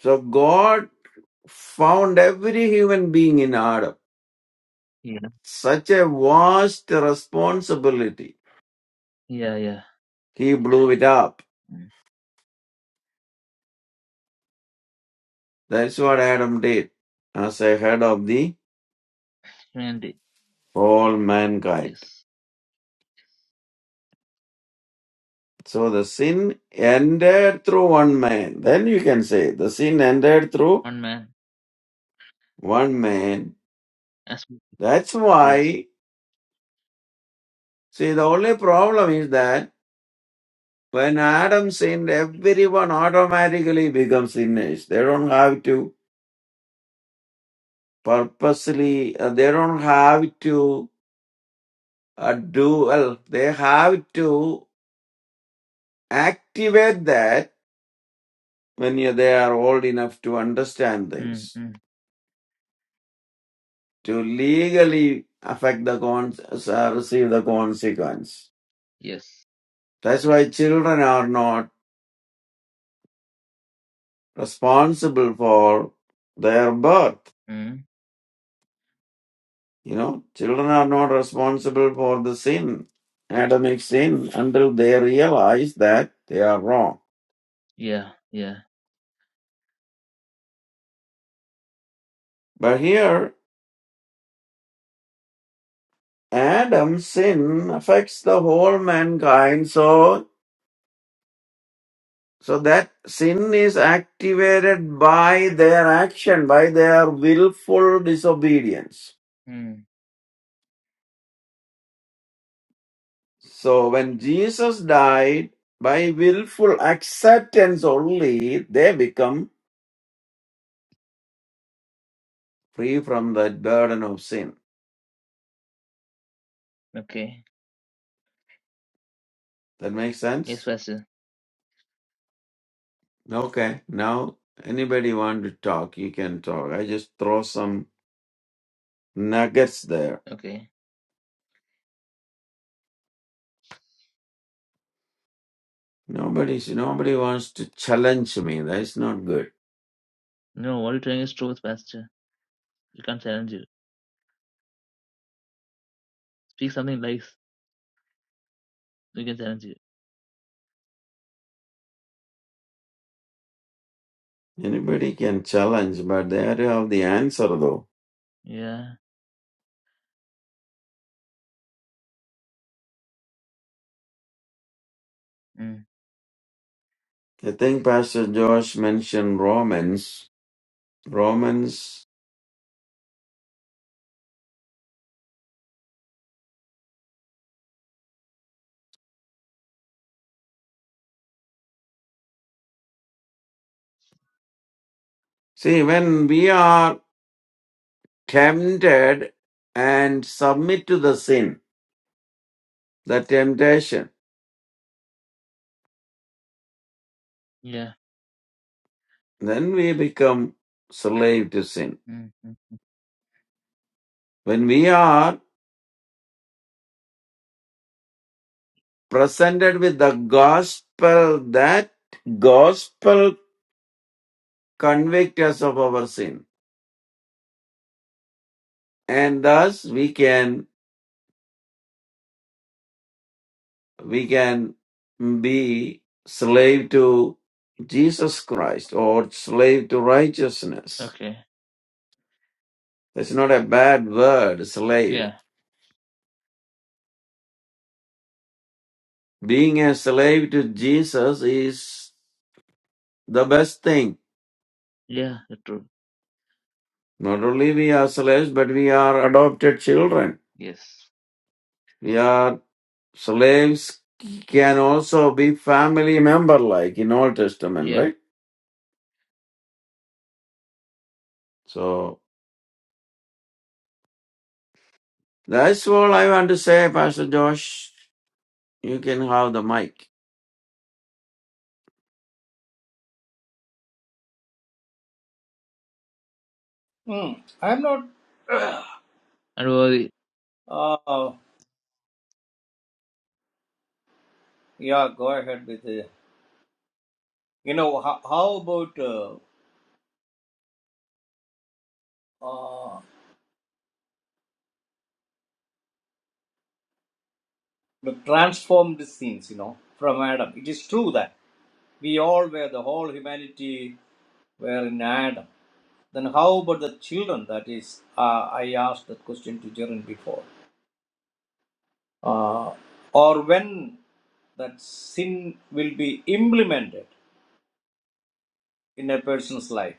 Speaker 2: So God found every human being in Adam. Such a vast responsibility. He blew it up. That's what Adam did as a head of the whole mankind. So the sin ended through one man. Then you can say the sin ended through one man. That's why, see, the only problem is that When Adam sinned, everyone automatically becomes sinners. They don't have to purposely, uh, they don't have to uh, do, well, they have to activate that when you, they are old enough to understand things, to legally affect the con, uh, receive the consequence. That's why children are not responsible for their birth. You know, children are not responsible for the sin, Adamic sin, until they realize that they are wrong. But here, Adam's sin affects the whole mankind, so so that sin is activated by their action, by their willful disobedience. So when Jesus died, by willful acceptance only, they become free from the burden of sin. That makes sense? Okay, now anybody want to talk, you can talk. I just throw some nuggets there. Nobody, nobody wants to challenge me. That's not good. Anybody can challenge, but they have to have the answer though. I think Pastor Josh mentioned Romans. Romans. See, when we are tempted and submit to the sin, the temptation, then we become slave to sin. When we are presented with the gospel that gospel convicts us of our sin and thus we can we can be slave to jesus christ or slave to righteousness that's not a bad word slave being a slave to jesus is the best thing not only we are slaves but we are adopted children We are. slaves can also be family member like in Old Testament, right? So that's all I want to say, Pastor Josh. You can have the mic.
Speaker 3: Hmm. i'm not <clears throat> uh yeah go ahead with the you know how, how about uh, uh, the transformed scenes, you know, from Adam. It is true that we all were, the whole humanity were in Adam. Then how about the children? That is, uh, I asked that question to Jaren before. Uh, or when that sin will be implemented in a person's life.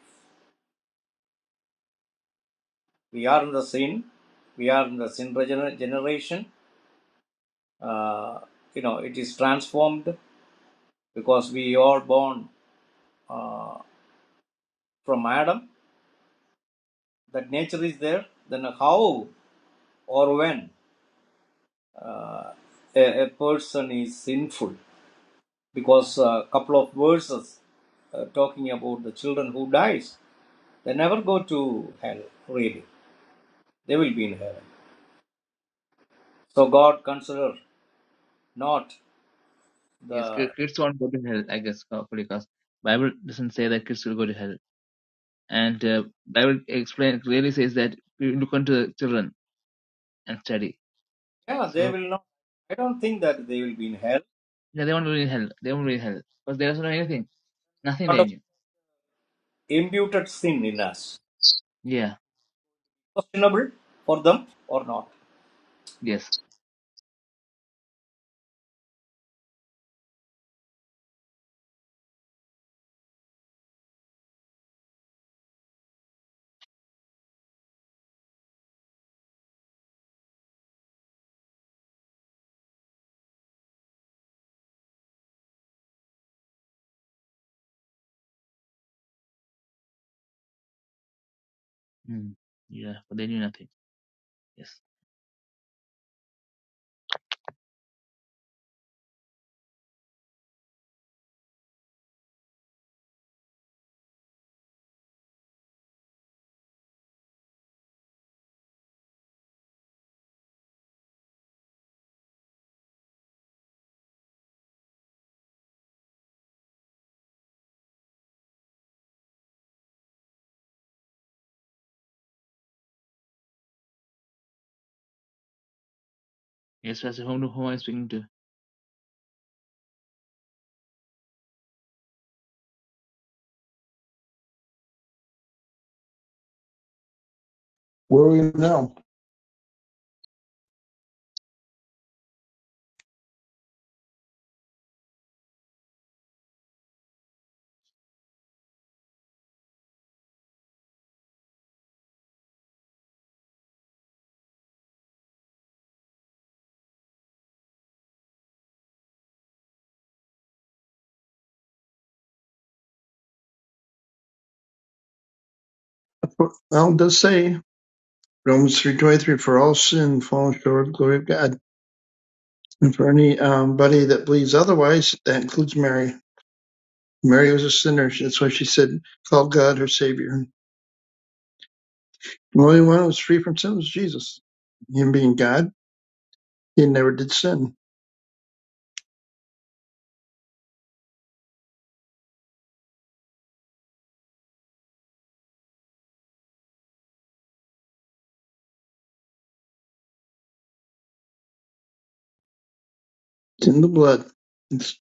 Speaker 3: We are in the sin. We are in the sin regener- generation. Uh, you know, it is transformed because we are born uh, from Adam that nature is there, then how or when a, a person is sinful? Because a couple of verses uh, talking about the children who dies, they never go to hell, really. They will be in heaven. So God consider not the, yeah, they will not. I don't think that they will be in hell. What of imputed sin in us? Questionable for them or not?
Speaker 5: Where are we now? Well, it does say Romans three twenty three, for all sin fallen short of the glory of God. And for anybody that believes otherwise, that includes Mary. Mary was a sinner. That's why she said, called God her Savior. The only one who was free from sin was Jesus. Him being God, he never did sin. It's in the blood. It's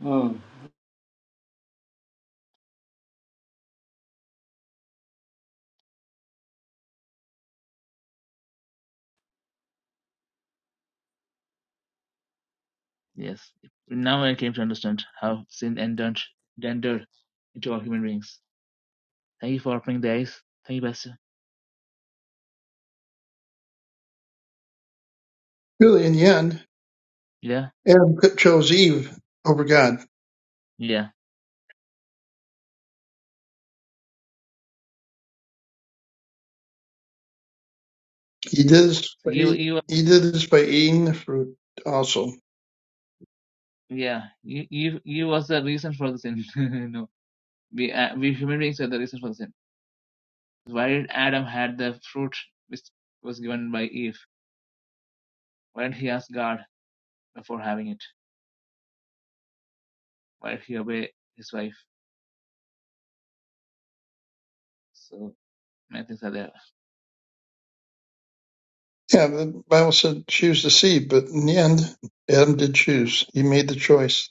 Speaker 3: Hmm.
Speaker 5: really, in the end, Adam chose Eve over God. He did this by, he did this by eating the fruit also. Yeah, the Bible said choose the seed, but in the end, Adam did choose. He made the choice.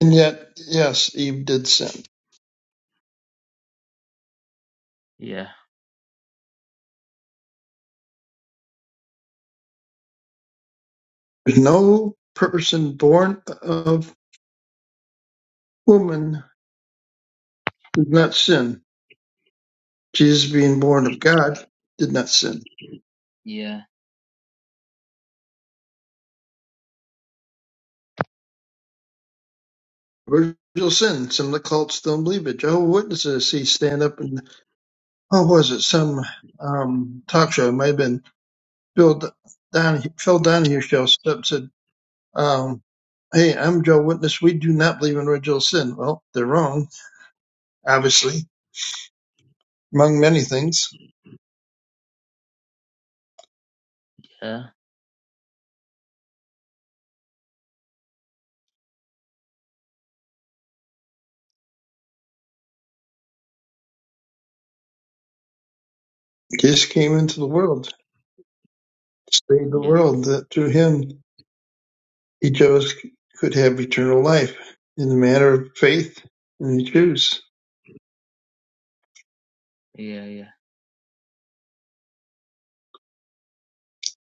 Speaker 5: And yet, yes, Eve did sin There's no person born of woman who does not sin. Jesus, being born of God, did not sin. Original sin. Some of the cults don't believe it. Jehovah Witnesses see stand up and oh, was it some um, talk show? It might have been Bill Don Phil Donahue show. Stood up said, um, "Hey, I'm Jehovah Witness. We do not believe in original sin." Well, they're wrong, obviously, among many things. Jesus came into the world, saved the world That through him Each of us could have eternal life. In the matter of faith, and the choose.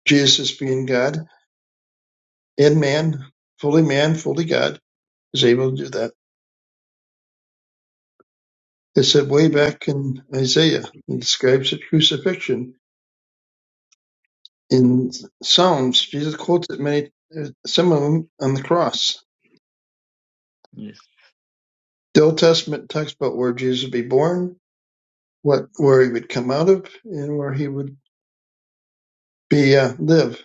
Speaker 5: Jesus being God and man, fully man, fully God, is able to do that. It's said way back in Isaiah. It describes the crucifixion. In Psalms, Jesus quotes it many, some of them on the cross. The Old Testament talks about where Jesus would be born, what where he would come out of, and where he would be uh, live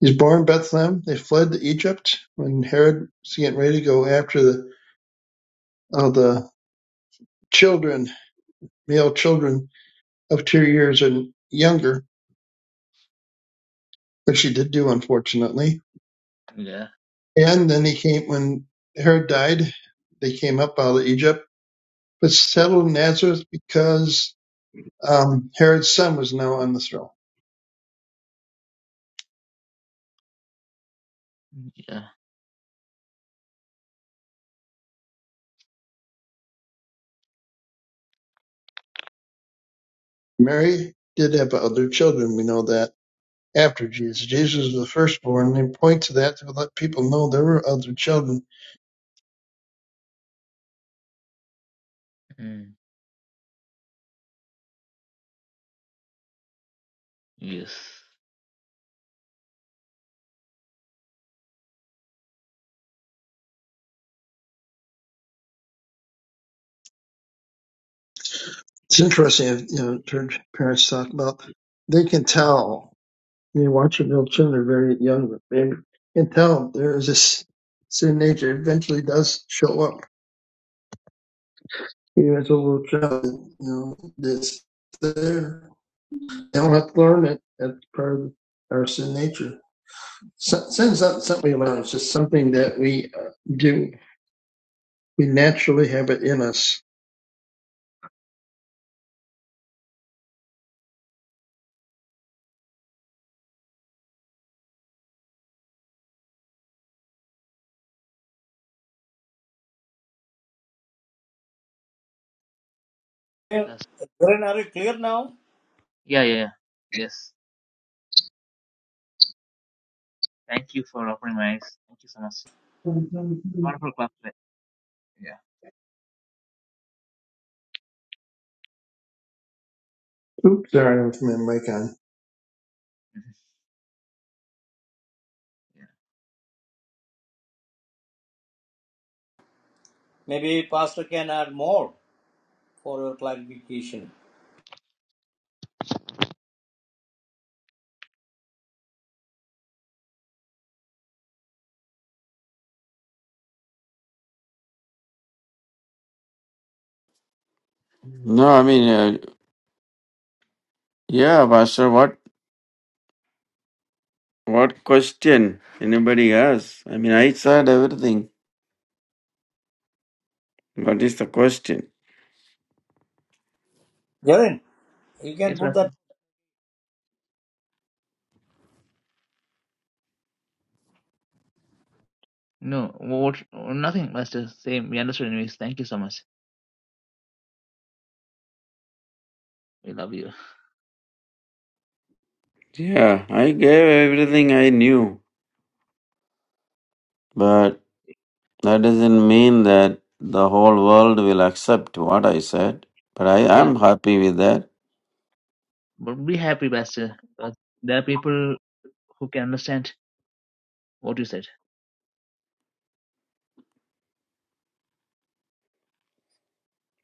Speaker 5: He was born in Bethlehem; they fled to Egypt when Herod was getting ready to go after the all the children, male children of two years and younger, which he did do, unfortunately. And then he came when Herod died. They came up out of Egypt, but settled in Nazareth because um, Herod's son was now on the throne. Mary did have other children. We know that after Jesus, Jesus was the firstborn. and They point to that to let people know there were other children It's interesting you know church parents talk about they can tell you know, watch your little children they're very young, but they can tell there is this sin nature eventually does show up even as a little child. You know, this there they don't have to learn it That's part of our sin nature. So- Sin's not something we learn; it's just something that we uh, do. We naturally have it in us.
Speaker 3: Clear- Clear now? clear now?
Speaker 5: Oops, sorry, I was my mic
Speaker 3: Maybe Pastor can add more. for your clarification.
Speaker 2: No, I mean, uh, yeah, Pastor. What what question? Anybody has? I mean, I said everything. What is the question?
Speaker 3: Jaren, you can put that
Speaker 2: Yeah, I gave everything I knew, but that doesn't mean that the whole world will accept what I said. But I am happy with that.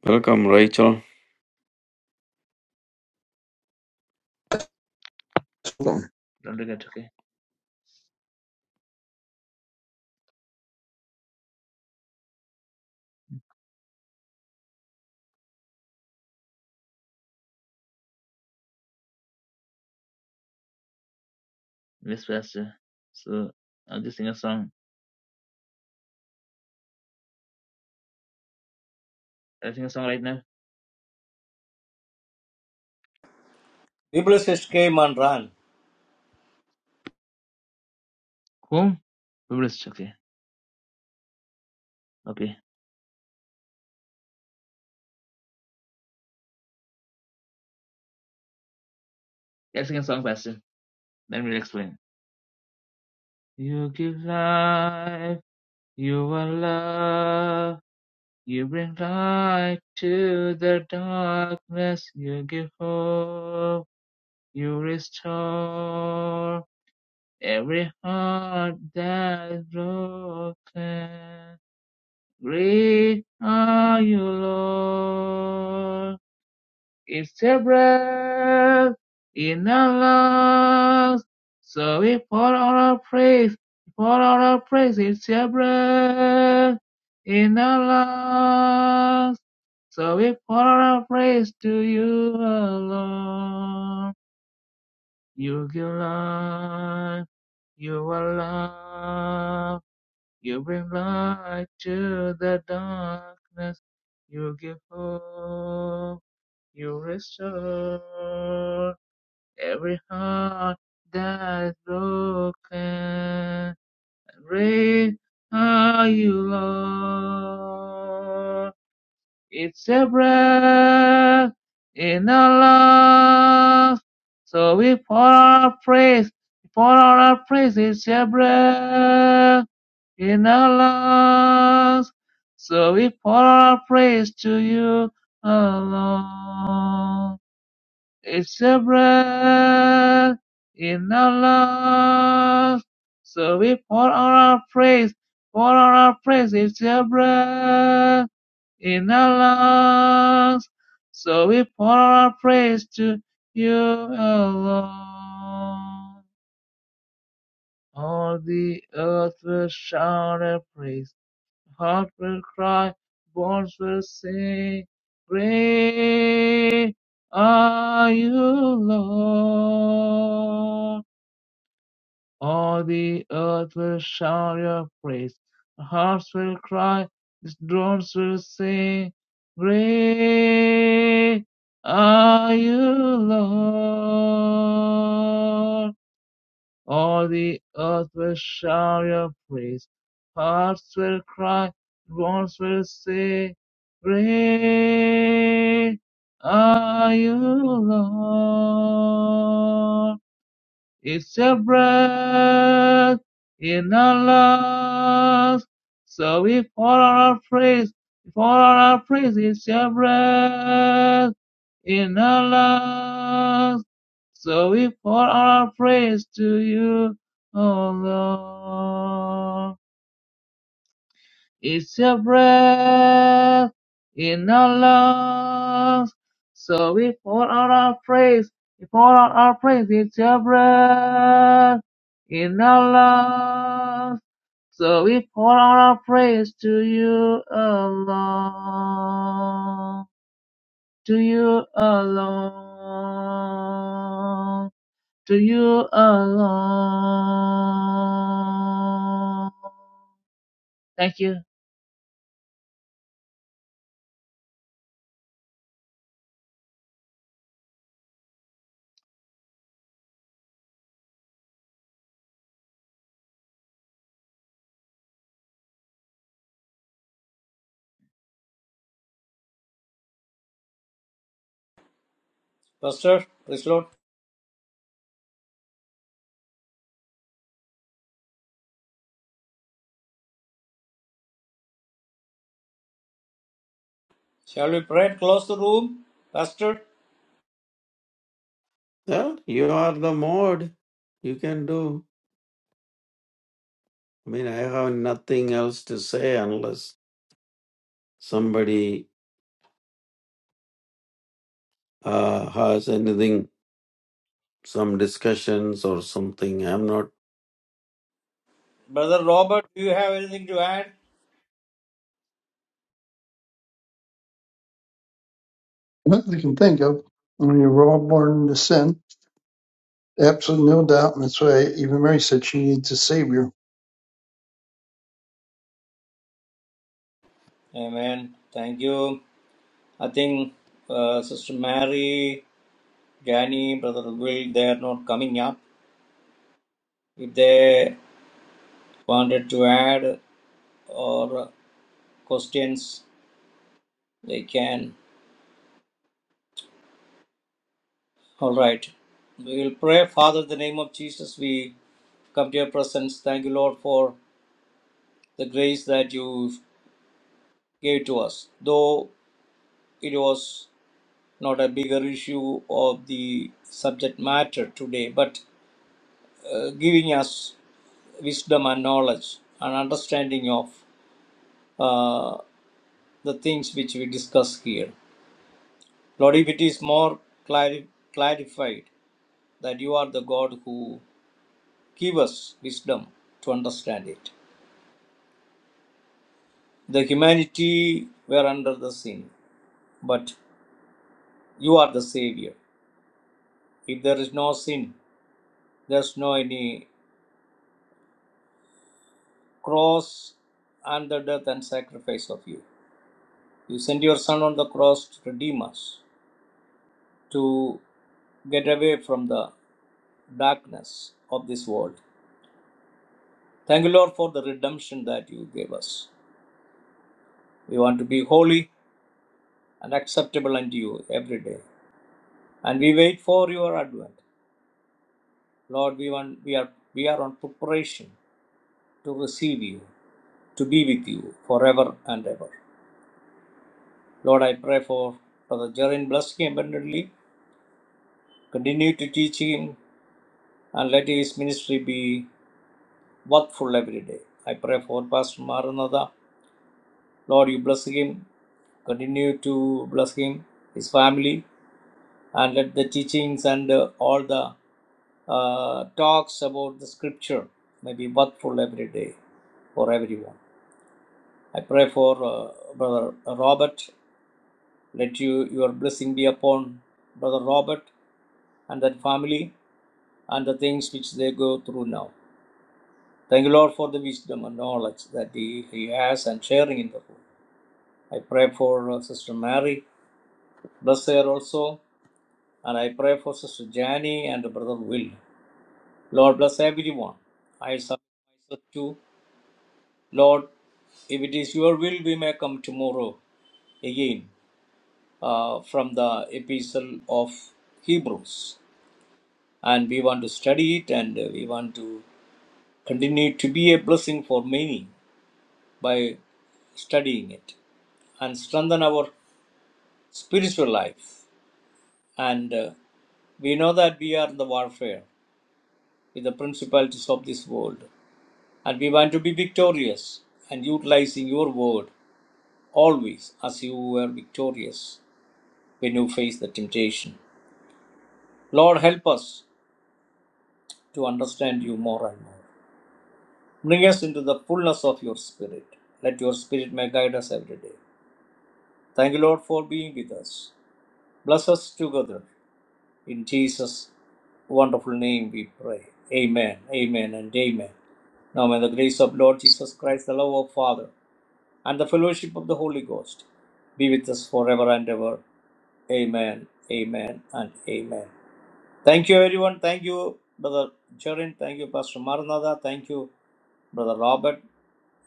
Speaker 2: Welcome, Rachel.
Speaker 5: on.
Speaker 3: Biblicist came and ran. Pastor, praise Lord. Shall we pray? and Close the room. Pastor,
Speaker 2: Well, you are the mod. You can do. I mean, I have nothing else to say unless somebody uh, has anything, some discussions or something. I'm not
Speaker 3: Brother Robert, do you have anything to add?
Speaker 5: Not that I can think of. I mean, we're all born into sin, absolutely no doubt. And that's why even Mary said she needs a savior.
Speaker 3: Amen. Thank you. I think uh, Sister Mary, Danny, Brother Will, they are not coming up. If they wanted to add or questions, they can. All right. We will pray, Father, in the name of Jesus. We come to your presence. Thank you, Lord, for the grace that you gave to us. Though it was not a bigger issue of the subject matter today, but uh, giving us wisdom and knowledge and understanding of uh, the things which we discuss here. Lord, if it is more clari- clarified that you are the God who give us wisdom to understand it. The humanity were under the sin, but you are the Savior. If there is no sin, There's no any cross and the death and sacrifice of you. You send your son on the cross to redeem us, to get away from the darkness of this world. Thank you, Lord, for the redemption that you gave us. We want to be holy and acceptable unto you every day. And we wait for your advent. Lord, we want we are we are on preparation to receive you, to be with you forever and ever. Lord, I pray for Brother Jerin, bless him abundantly Continue to teach him and let his ministry be workful every day. I pray for Pastor Maranatha. Lord, you bless him. Continue to bless him, his family, and let the teachings and uh, all the uh, talks about the scripture may be workful every day for everyone. I pray for uh, Brother Robert. Let you, your blessing be upon Brother Robert and that family and the things which they go through now. Thank you, Lord, for the wisdom and knowledge that He, he has and sharing in the room. I pray for uh, Sister Mary, bless her also, and I pray for Sister Janie and Brother Will. Lord, bless everyone. I submit myself to Lord. If it is your will, we may come tomorrow again uh, from the epistle of Hebrews. And we want to study it and uh, we want to continue to be a blessing for many by studying it and strengthen our spiritual life. And uh, we know that we are in the warfare with the principalities of this world. And we want to be victorious and utilizing your word always as you were victorious when you face the temptation. Lord, help us to understand you more and more. Bring us into the fullness of your spirit. Let your spirit may guide us every day. Thank you, Lord, for being with us. Bless us together in Jesus' wonderful name we pray. Amen, amen, and amen. Now may the grace of Lord Jesus Christ, the love of Father, and the fellowship of the Holy Ghost be with us forever and ever. Amen, amen, and amen. Thank you, everyone. Thank you, Brother Jerin. Thank you, Pastor Maranatha. Thank you, Brother Robert,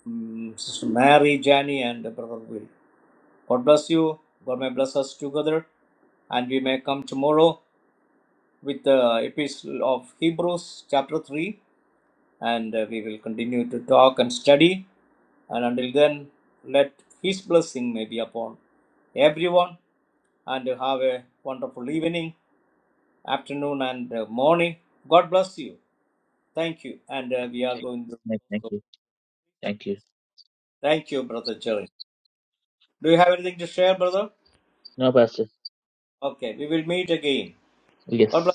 Speaker 3: mm, Sister Mary, Jani, and Brother Will. God bless you. God may bless us together and we may come tomorrow with the epistle of Hebrews chapter 3 and uh, we will continue to talk and study. And until then, let His blessing may be upon everyone and have a wonderful evening, afternoon, and uh, morning. God bless you. Thank you. And uh, we are going to. Thank you, Brother Jerry. Do you have anything to share, brother? Okay, we will meet again. God bless.